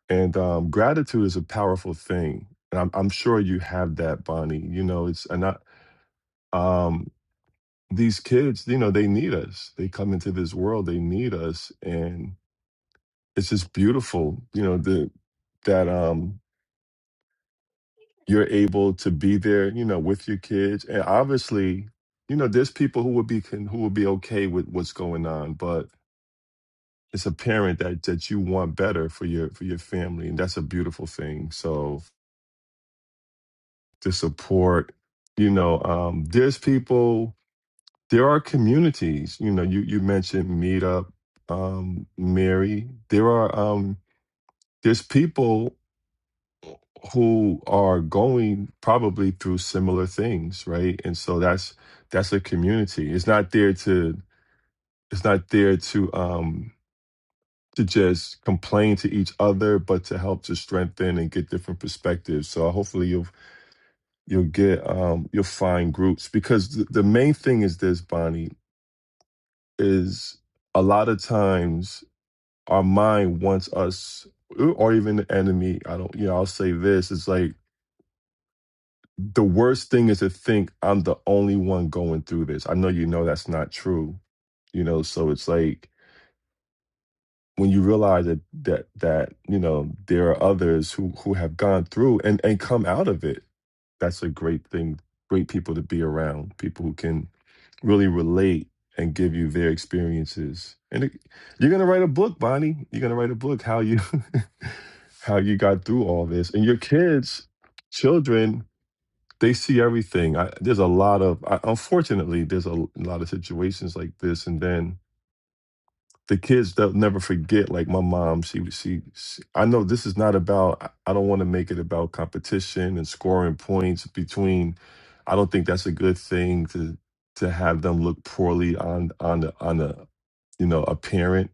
[SPEAKER 6] And um, gratitude is a powerful thing. And I'm, I'm sure you have that, Bonnie. You know, it's and I, um, these kids, you know, they need us. They come into this world, they need us, and it's just beautiful. You know, the that um you're able to be there, you know, with your kids. And obviously, you know, there's people who would be can, who would be okay with what's going on, but it's apparent that that you want better for your for your family, and that's a beautiful thing. So the support, you know, um, there's people, there are communities. You know, you you mentioned Meetup, um, Mary. There are um, there's people. who are going probably through similar things right and so that's that's a community it's not there to it's not there to um to just complain to each other but to help to strengthen and get different perspectives so hopefully you'll you'll get um you'll find groups because the, the main thing is this bonnie is a lot of times our mind wants us or even the enemy i don't you know i'll say this it's like the worst thing is to think I'm the only one going through this. I know you know that's not true. You know, so it's like when you realize that that that, you know, there are others who who have gone through and and come out of it. That's a great thing, great people to be around, people who can really relate and give you their experiences. And it, you're going to write a book, Bonnie. You're going to write a book how you how you got through all this. And your kids, children they see everything. I, there's a lot of I, unfortunately there's a lot of situations like this, and then the kids they'll never forget. Like my mom, she was- she, she I know this is not about. I I don't want to make it about competition and scoring points between. I don't think that's a good thing to to have them look poorly on on the on the you know a parent.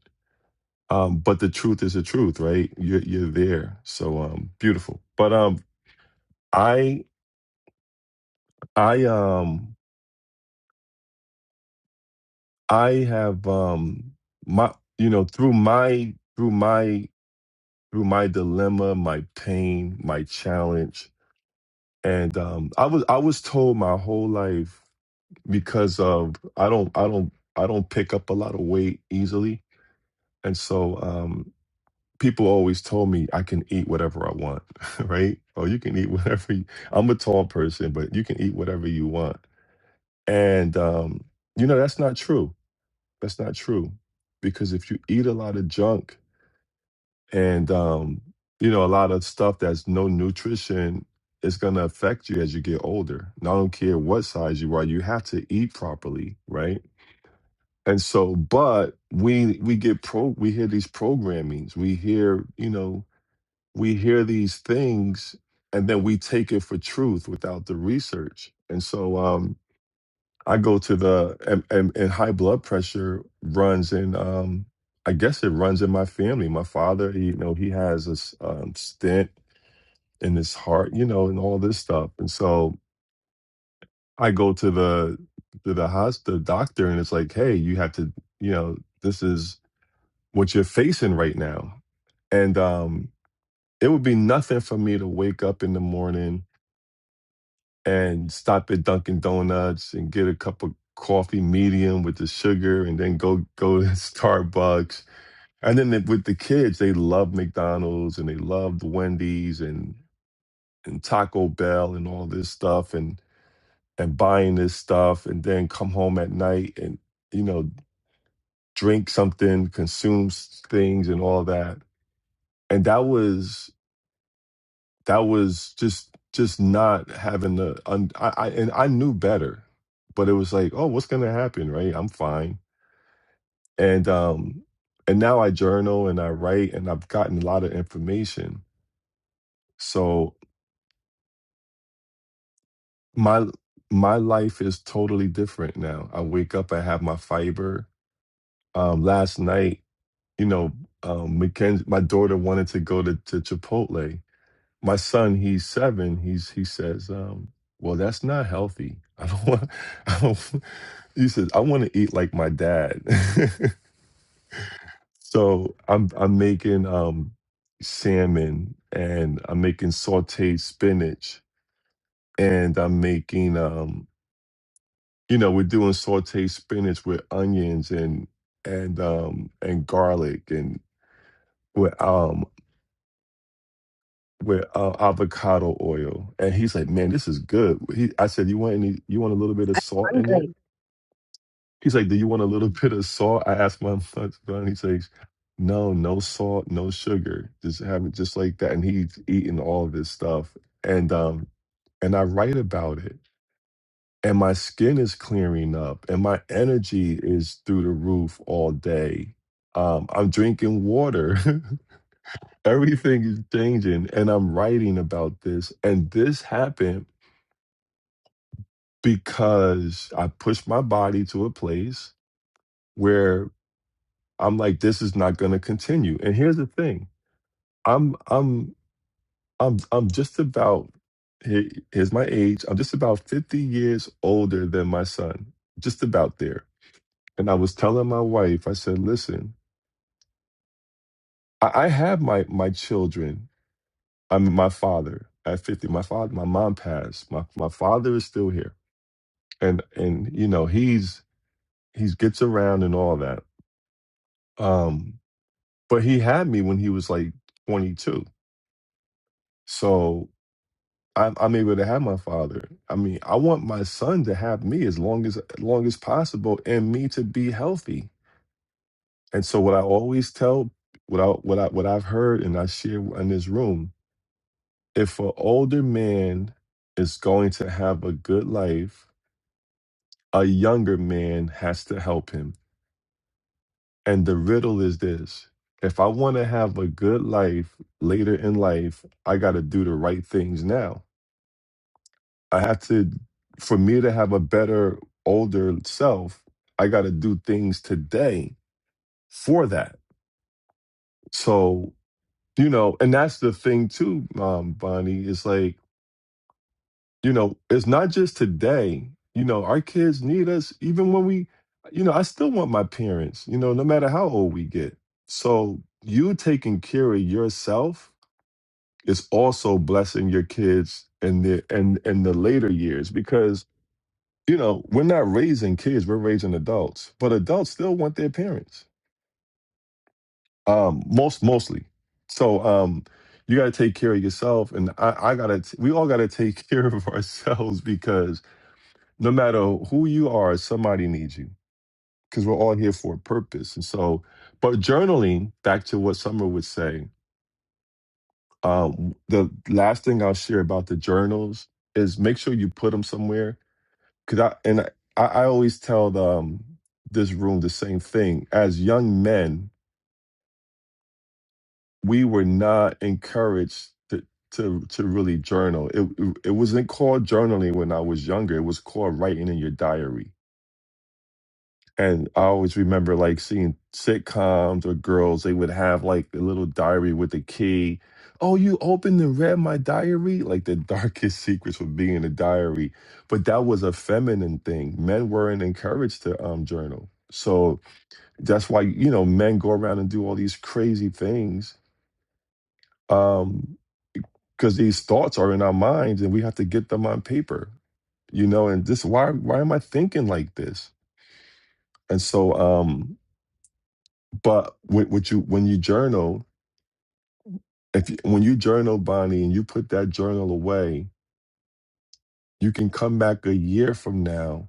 [SPEAKER 6] Um, but the truth is the truth, right? You're you're there, so um, beautiful. But um, I I um I have um my you know through my through my through my dilemma, my pain, my challenge, and um I was I was told my whole life because of I don't I don't I don't pick up a lot of weight easily, and so um people always told me I can eat whatever I want, right? Or you can eat whatever you, I'm a tall person, but you can eat whatever you want, and um you know that's not true That's not true. Because if you eat a lot of junk and um, you know, a lot of stuff that's no nutrition, it's gonna affect you as you get older. And I don't care what size you are, you have to eat properly, right? And so, but we we get pro we hear these programmings, we hear, you know, we hear these things and then we take it for truth without the research. And so um I go to the and, and, and high blood pressure runs in. Um, I guess it runs in my family. My father, he, you know, he has a s- um, stent in his heart, you know, and all this stuff. And so I go to the to the hospital doctor, and it's like, hey, you have to, you know, this is what you're facing right now. And um, it would be nothing for me to wake up in the morning and stop at Dunkin' Donuts and get a cup of coffee medium with the sugar, and then go go to Starbucks. And then the- with the kids, they love McDonald's and they love the Wendy's and and Taco Bell and all this stuff, and and buying this stuff, and then come home at night and you know drink something, consume s- things, and all that. And that was that was just just not having the un, I, I and I knew better, but it was like, oh, what's gonna happen, right? I'm fine, and um, and now I journal and I write and I've gotten a lot of information. So my my life is totally different now. I wake up, I have my fiber. Um, last night, you know, um, Mackenzie, my daughter wanted to go to, to Chipotle, my son, he's seven. He's he says, um, "Well, that's not healthy. I don't want." I don't, he says, "I want to eat like my dad." so I'm I'm making um, salmon and I'm making sautéed spinach and I'm making um, you know we're doing sautéed spinach with onions and and um, and garlic and with almonds with uh, avocado oil, and he's like, "Man, this is good." He, I said, "You want any? You want a little bit of
[SPEAKER 3] I'm
[SPEAKER 6] salt in
[SPEAKER 3] hungry.
[SPEAKER 6] it?" He's like, "Do you want a little bit of salt?" I asked my son. He says, "No, no salt, no sugar. Just have it just like that." And he's eating all of this stuff, and um, and I write about it. And my skin is clearing up, and my energy is through the roof all day. Um, I'm drinking water. Everything is changing. And I'm writing about this. And this happened because I pushed my body to a place where I'm like, this is not gonna continue. And here's the thing. I'm I'm I'm I'm just about here- here's my age. I'm just about 50 years older than my son. Just about there. And I was telling my wife, I said, listen, I, I have my my children. I'm my father at 50. My father, my mom passed. My my father is still here. and and you know he's he's gets around and all that um but he had me when he was like 22 so I'm, I'm able to have my father i mean i want my son to have me as long as as long as possible and me to be healthy and so what i always tell what i what i what i've heard and i share in this room if an older man is going to have a good life a younger man has to help him And the riddle is this if I want to have a good life later in life, I got to do the right things now. I have to, for me to have a better older self, I got to do things today for that. So, you know, and that's the thing too, um, Bonnie, is like, you know, it's not just today. You know, our kids need us even when we, you know, I still want my parents, you know, no matter how old we get. So, you taking care of yourself is also blessing your kids in the in in the later years because you know we're not raising kids we're raising adults but adults still want their parents um most mostly so um you got to take care of yourself and i i gotta t- we all gotta take care of ourselves because no matter who you are somebody needs you because we're all here for a purpose and so but journaling back to what summer would say Um, the last thing I'll share about the journals is make sure you put them somewhere. Cause I and I, I always tell the, um, this room the same thing. As young men, we were not encouraged to to to really journal. It it it wasn't called journaling when I was younger. It was called writing in your diary And I always remember like seeing sitcoms or girls, they would have like a little diary with a key. Oh, you opened and read my diary? Like the darkest secrets would be in a diary. But that was a feminine thing. Men weren't encouraged to um, journal. So that's why, you know, men go around and do all these crazy things um, because these thoughts are in our minds and we have to get them on paper, you know, and this, why, why am I thinking like this? And so, um, But when, what you when you journal, if you, when you journal, Bonnie, and you put that journal away, you can come back a year from now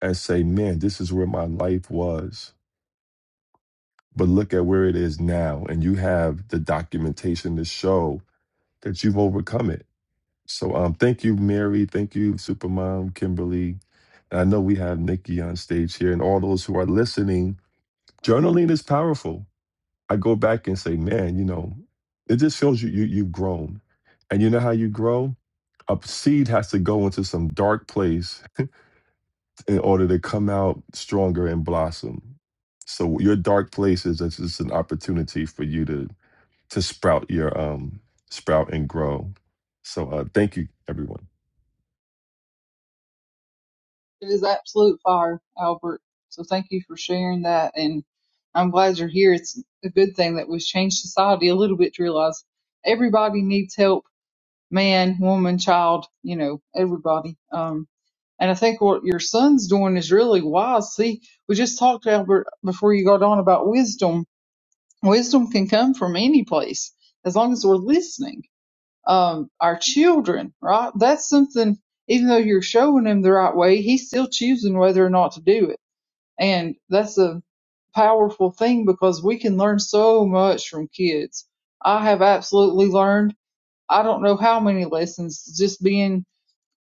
[SPEAKER 6] and say, "Man, this is where my life was." But look at where it is now, and you have the documentation to show that you've overcome it. So, um, thank you, Mary. Thank you, Supermom Kimberly. And I know we have Nikki on stage here, and all those who are listening. Journaling is powerful. I go back and say, man, you know, it just feels you, you you've grown. And you know how you grow? A seed has to go into some dark place in order to come out stronger and blossom. So your dark place is it's just an opportunity for you to to sprout your um sprout and grow. So uh thank you everyone.
[SPEAKER 2] It is absolute fire, Albert. So thank you for sharing that. And I'm glad you're here. It's a good thing that we've changed society a little bit to realize everybody needs help man, woman, child, you know, everybody. Um, and I think what your son's doing is really wise. See, we just talked, Albert, before you got on about wisdom. Wisdom can come from any place as long as we're listening um, our children, right? That's something, even though you're showing him the right way, he's still choosing whether or not to do it. And that's a powerful thing because we can learn so much from kids. I have absolutely learned, I don't know how many lessons just being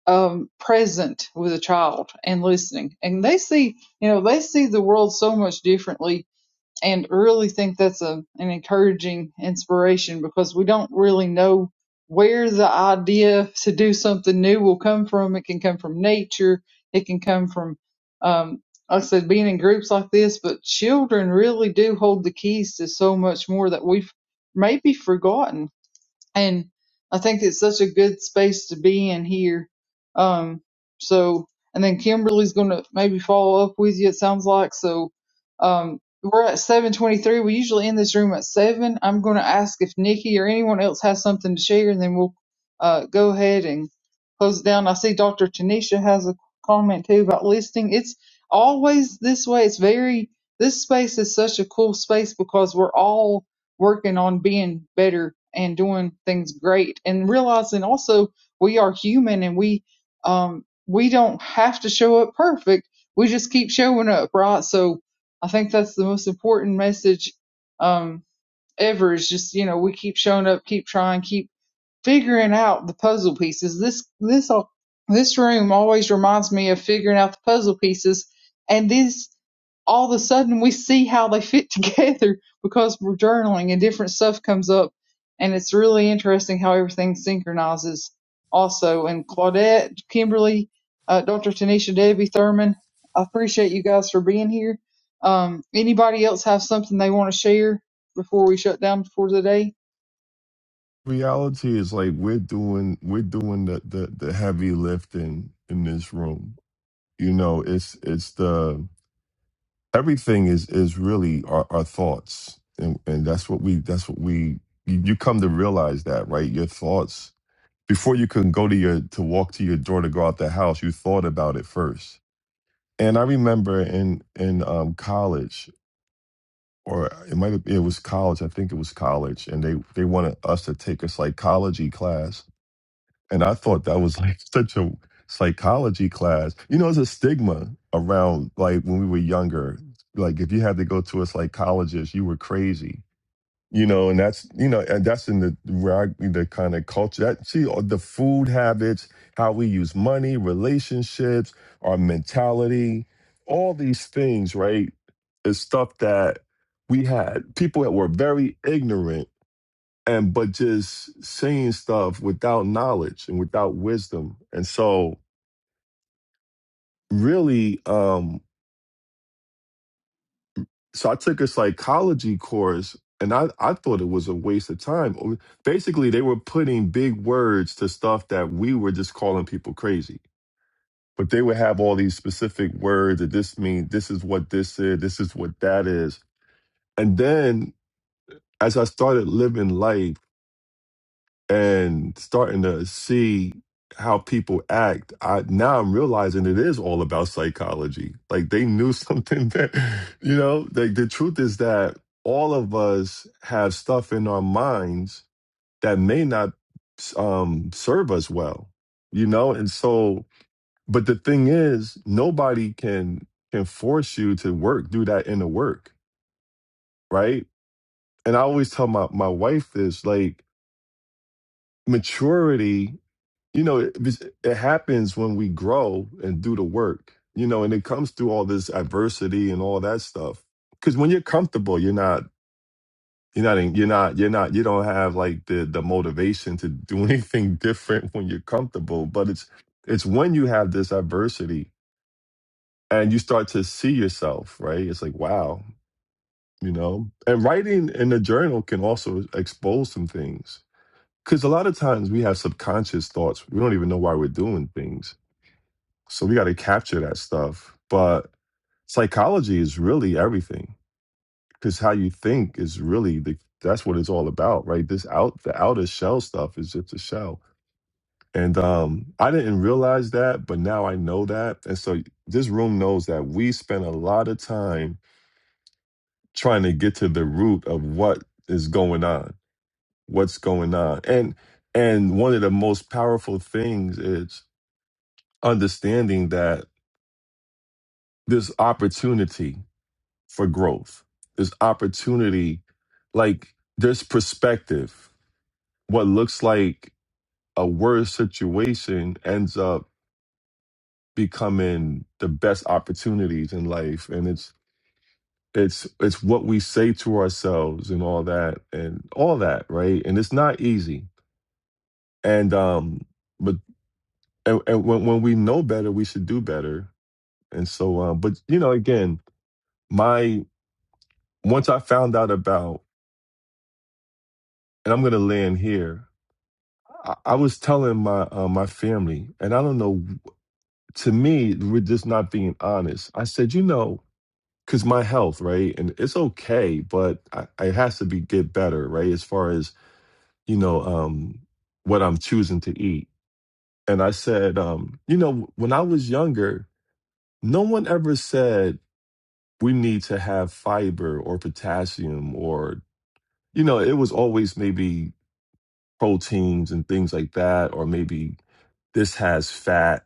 [SPEAKER 2] um, present with a child and listening. And they see, you know, they see the world so much differently and I really think that's a, an encouraging inspiration because we don't really know where the idea to do something new will come from. It can come from nature. It can come from, um, like I said, being in groups like this, but children really do hold the keys to so much more that we've maybe forgotten and I think it's such a good space to be in here. Um, so, and then Kimberly's going to maybe follow up with you. It sounds like so. Um, we're at seven twenty-three. We usually end this room at seven. I'm going to ask if Nikki or anyone else has something to share, and then we'll uh, go ahead and close it down. I see Dr. Tanisha has a comment too about listening. It's always this way. It's very this space is such a cool space because we're all working on being better and doing things great and realizing also we are human and we um we don't have to show up perfect we just keep showing up right so i think that's the most important message um ever is just you know we keep showing up keep trying keep figuring out the puzzle pieces. This this uh, this room always reminds me of figuring out the puzzle pieces, and this all of a sudden we see how they fit together because we're journaling and different stuff comes up, and it's really interesting how everything synchronizes. Also, and Claudette, Kimberly, uh, Dr. Tanisha, Debbie Thurman, I appreciate you guys for being here. Um, anybody else have something they want to share before we shut down for the day?
[SPEAKER 6] Reality is like we're doing we're doing the the, the heavy lifting in this room. You know, it's it's the everything is is really our, our thoughts and and that's what we that's what we you, you come to realize that right your thoughts before you can go to your to walk to your door to go out the house you thought about it first and i remember in in um college or it might have it was college i think it was college and they they wanted us to take a psychology class and I thought that was like such a psychology class. You know, there's a stigma around like when we were younger, like if you had to go to a psychologist, you were crazy. You know, and that's you know, and that's in the where I, the kind of culture that see all the food habits, how we use money, relationships, our mentality, all these things, right? Is stuff that we had people that were very ignorant and but just saying stuff without knowledge and without wisdom and so really um so i took a psychology course and i i thought it was a waste of time basically they were putting big words to stuff that we were just calling people crazy but they would have all these specific words that this means this is what this is this is what that is and then as i started living life and starting to see how people act i now i'm realizing it is all about psychology like they knew something that you know like the truth is that all of us have stuff in our minds that may not um serve us well you know and so but the thing is nobody can can force you to work do that inner work right and i always tell my my wife this like maturity you know it, it happens when we grow and do the work you know and it comes through all this adversity and all that stuff because when you're comfortable you're not you're not in- you're not you're not you don't have like the the motivation to do anything different when you're comfortable but it's it's when you have this adversity and you start to see yourself right it's like wow you know and writing in a journal can also expose some things because a lot of times we have subconscious thoughts we don't even know why we're doing things So we got to capture that stuff. But psychology is really everything because how you think is really the that's what it's all about, right? This out the outer shell stuff is just a shell. And um, I didn't realize that, but now I know that. And so this room knows that we spend a lot of time trying to get to the root of what is going on, what's going on. And and one of the most powerful things is understanding that this opportunity for growth. There's opportunity, like there's perspective. What looks like a worse situation ends up becoming the best opportunities in life, and it's it's it's what we say to ourselves and all that and all that, right? And it's not easy. And um, but and, and when when we know better, we should do better. And so, um, but you know, again, my once I found out about, and I'm gonna land here I, I was telling my uh, my family, and I don't know. To me, we're just not being honest. I said, you know, because my health, right, and it's okay, but I, it has to be get better, right, as far as you know, um, what I'm choosing to eat. And I said, um, you know, when I was younger, no one ever said we need to have fiber or potassium or you know, it was always maybe proteins and things like that, or maybe this has fat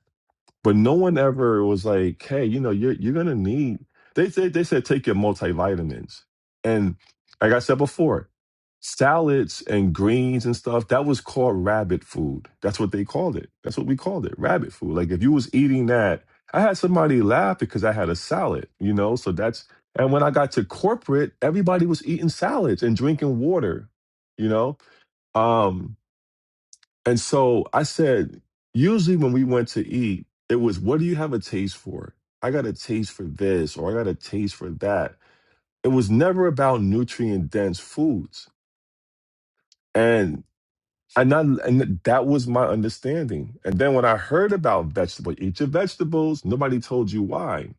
[SPEAKER 6] But no one ever was like, hey, you know, you're you're gonna need they said they said take your multivitamins. And like I said before, salads and greens and stuff, that was called rabbit food. That's what they called it. That's what we called it, rabbit food. Like if you was eating that, I had somebody laugh because I had a salad, you know, so that's and when I got to corporate, everybody was eating salads and drinking water, you know? Um and so I said, usually when we went to eat, it was, what do you have a taste for? I got a taste for this or I got a taste for that. It was never about nutrient dense foods. And and, I, and that was my understanding. And then when I heard about vegetable, eat your vegetables, nobody told you why.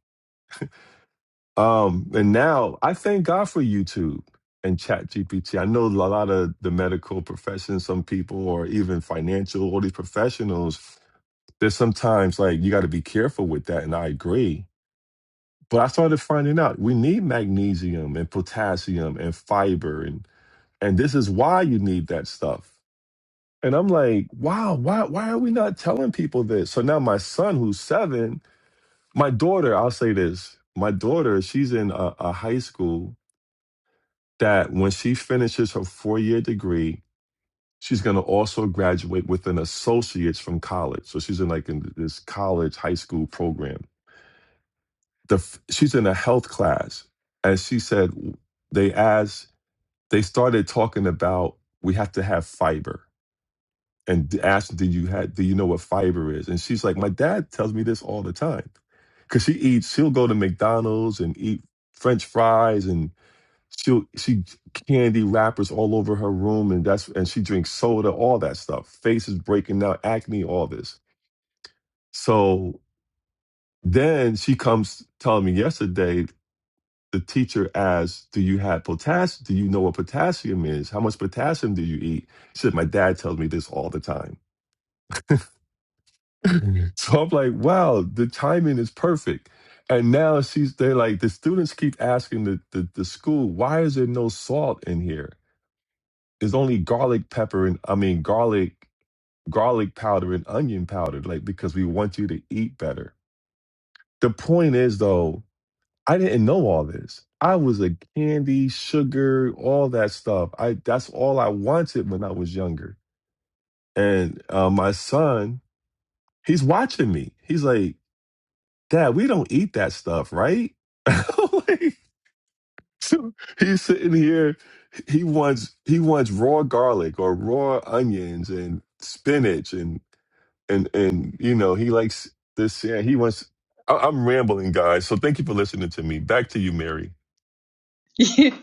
[SPEAKER 6] Um, and now I thank God for YouTube and Chat GPT. I know a lot of the medical profession, some people, or even financial, all these professionals there's sometimes like you got to be careful with that, and I agree. But I started finding out we need magnesium and potassium and fiber, and and this is why you need that stuff. And I'm like, wow, why why are we not telling people this? So now my son, who's seven, my daughter, I'll say this, my daughter, she's in a, a high school that when she finishes her four year degree, she's going to also graduate with an associate's from college. So she's in like in this college high school program the she's in a health class and she said they asked they started talking about we have to have fiber and asked do you have do you know what fiber is and she's like my dad tells me this all the time because she eats she'll go to mcdonald's and eat french fries and she'll she candy wrappers all over her room and that's and she drinks soda all that stuff Face is breaking out acne all this so then she comes telling me yesterday the teacher asked, "Do you have potassium? Do you know what potassium is? How much potassium do you eat?" She said, "My dad tells me this all the time." So I'm like, "Wow, the timing is perfect." And now she's they're like the students keep asking the, the the school, "Why is there no salt in here? There's only garlic pepper and I mean garlic garlic powder and onion powder, like because we want you to eat better." The point is though I didn't know all this. I was a candy, sugar, all that stuff. I that's all I wanted when I was younger. And uh, my son, he's watching me. He's like, "Dad, we don't eat that stuff, right?" Like, so he's sitting here. He wants he wants raw garlic or raw onions and spinach and and and you know he likes this. Yeah, he wants. I- I'm rambling, guys. So thank you for listening to me. Back to you, Mary.
[SPEAKER 2] You,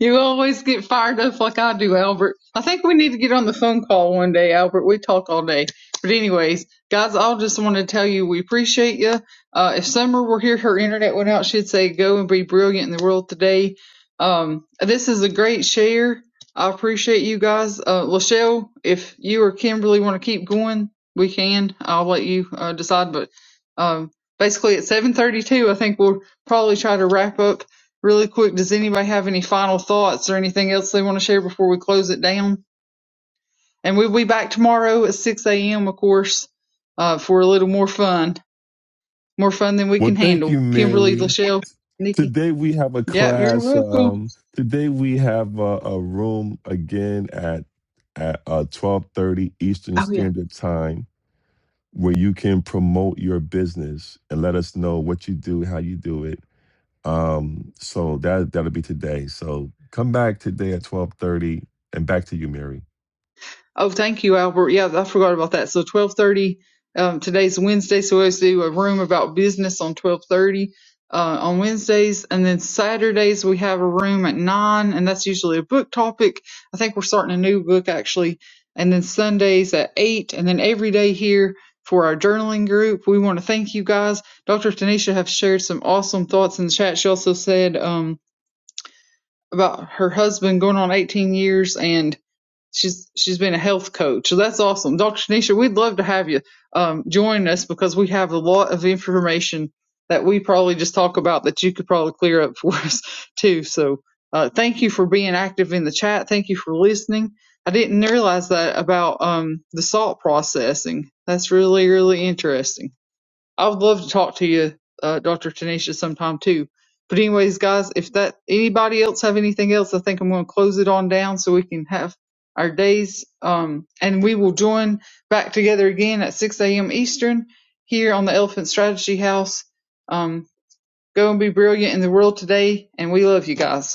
[SPEAKER 2] you always get fired up like I do, Albert. I think we need to get on the phone call one day, Albert. We talk all day. But anyways, guys, I'll just want to tell you we appreciate you. Uh, if Summer were here, her internet went out. She'd say, "Go and be brilliant in the world today." Um, this is a great share. I appreciate you guys, uh, Lachelle. If you or Kimberly want to keep going, we can. I'll let you uh, decide. But um, basically, at seven thirty-two, I think we'll probably try to wrap up Really quick, does anybody have any final thoughts or anything else they want to share before we close it down? And we'll be back tomorrow at 6 a.m., of course, uh, for a little more fun, more fun than we
[SPEAKER 6] Well,
[SPEAKER 2] can
[SPEAKER 6] thank you,
[SPEAKER 2] handle. Kimberly,
[SPEAKER 6] Mary.
[SPEAKER 2] Lachelle, Nikki.
[SPEAKER 6] Today we have a
[SPEAKER 2] Yeah, you're
[SPEAKER 6] class.
[SPEAKER 2] welcome.
[SPEAKER 6] Um, today we have a, a room again at at uh, twelve thirty Eastern
[SPEAKER 2] Oh yeah.
[SPEAKER 6] Standard Time, where you can promote your business and let us know what you do, how you do it. Um, so that that'll be today. So come back today at twelve thirty, and back to you, Mary.
[SPEAKER 2] Oh, thank you, Albert. Yeah, I forgot about that. So twelve thirty. Um, today's Wednesday, so we always do a room about business on twelve thirty uh, on Wednesdays, and then Saturdays we have a room at nine, and that's usually a book topic. I think we're starting a new book actually, and then Sundays at eight, and then every day here for our journaling group. We want to thank you guys. Dr. Tanisha have shared some awesome thoughts in the chat. She also said um, about her husband going on eighteen years and she's she's been a health coach. So that's awesome. Dr. Shanisha, we'd love to have you um, join us because we have a lot of information that we probably just talk about that you could probably clear up for us too. So uh, thank you for being active in the chat. Thank you for listening. I didn't realize that about um, the salt processing. That's really, really interesting. I would love to talk to you, uh, Dr. Tanisha, sometime too. But anyways, guys, if that anybody else have anything else, I think I'm going to close it on down so we can have our days. Um, and we will join back together again at 6 a.m. Eastern here on the Elephant Strategy House. Um, go and be brilliant in the world today, and we love you guys.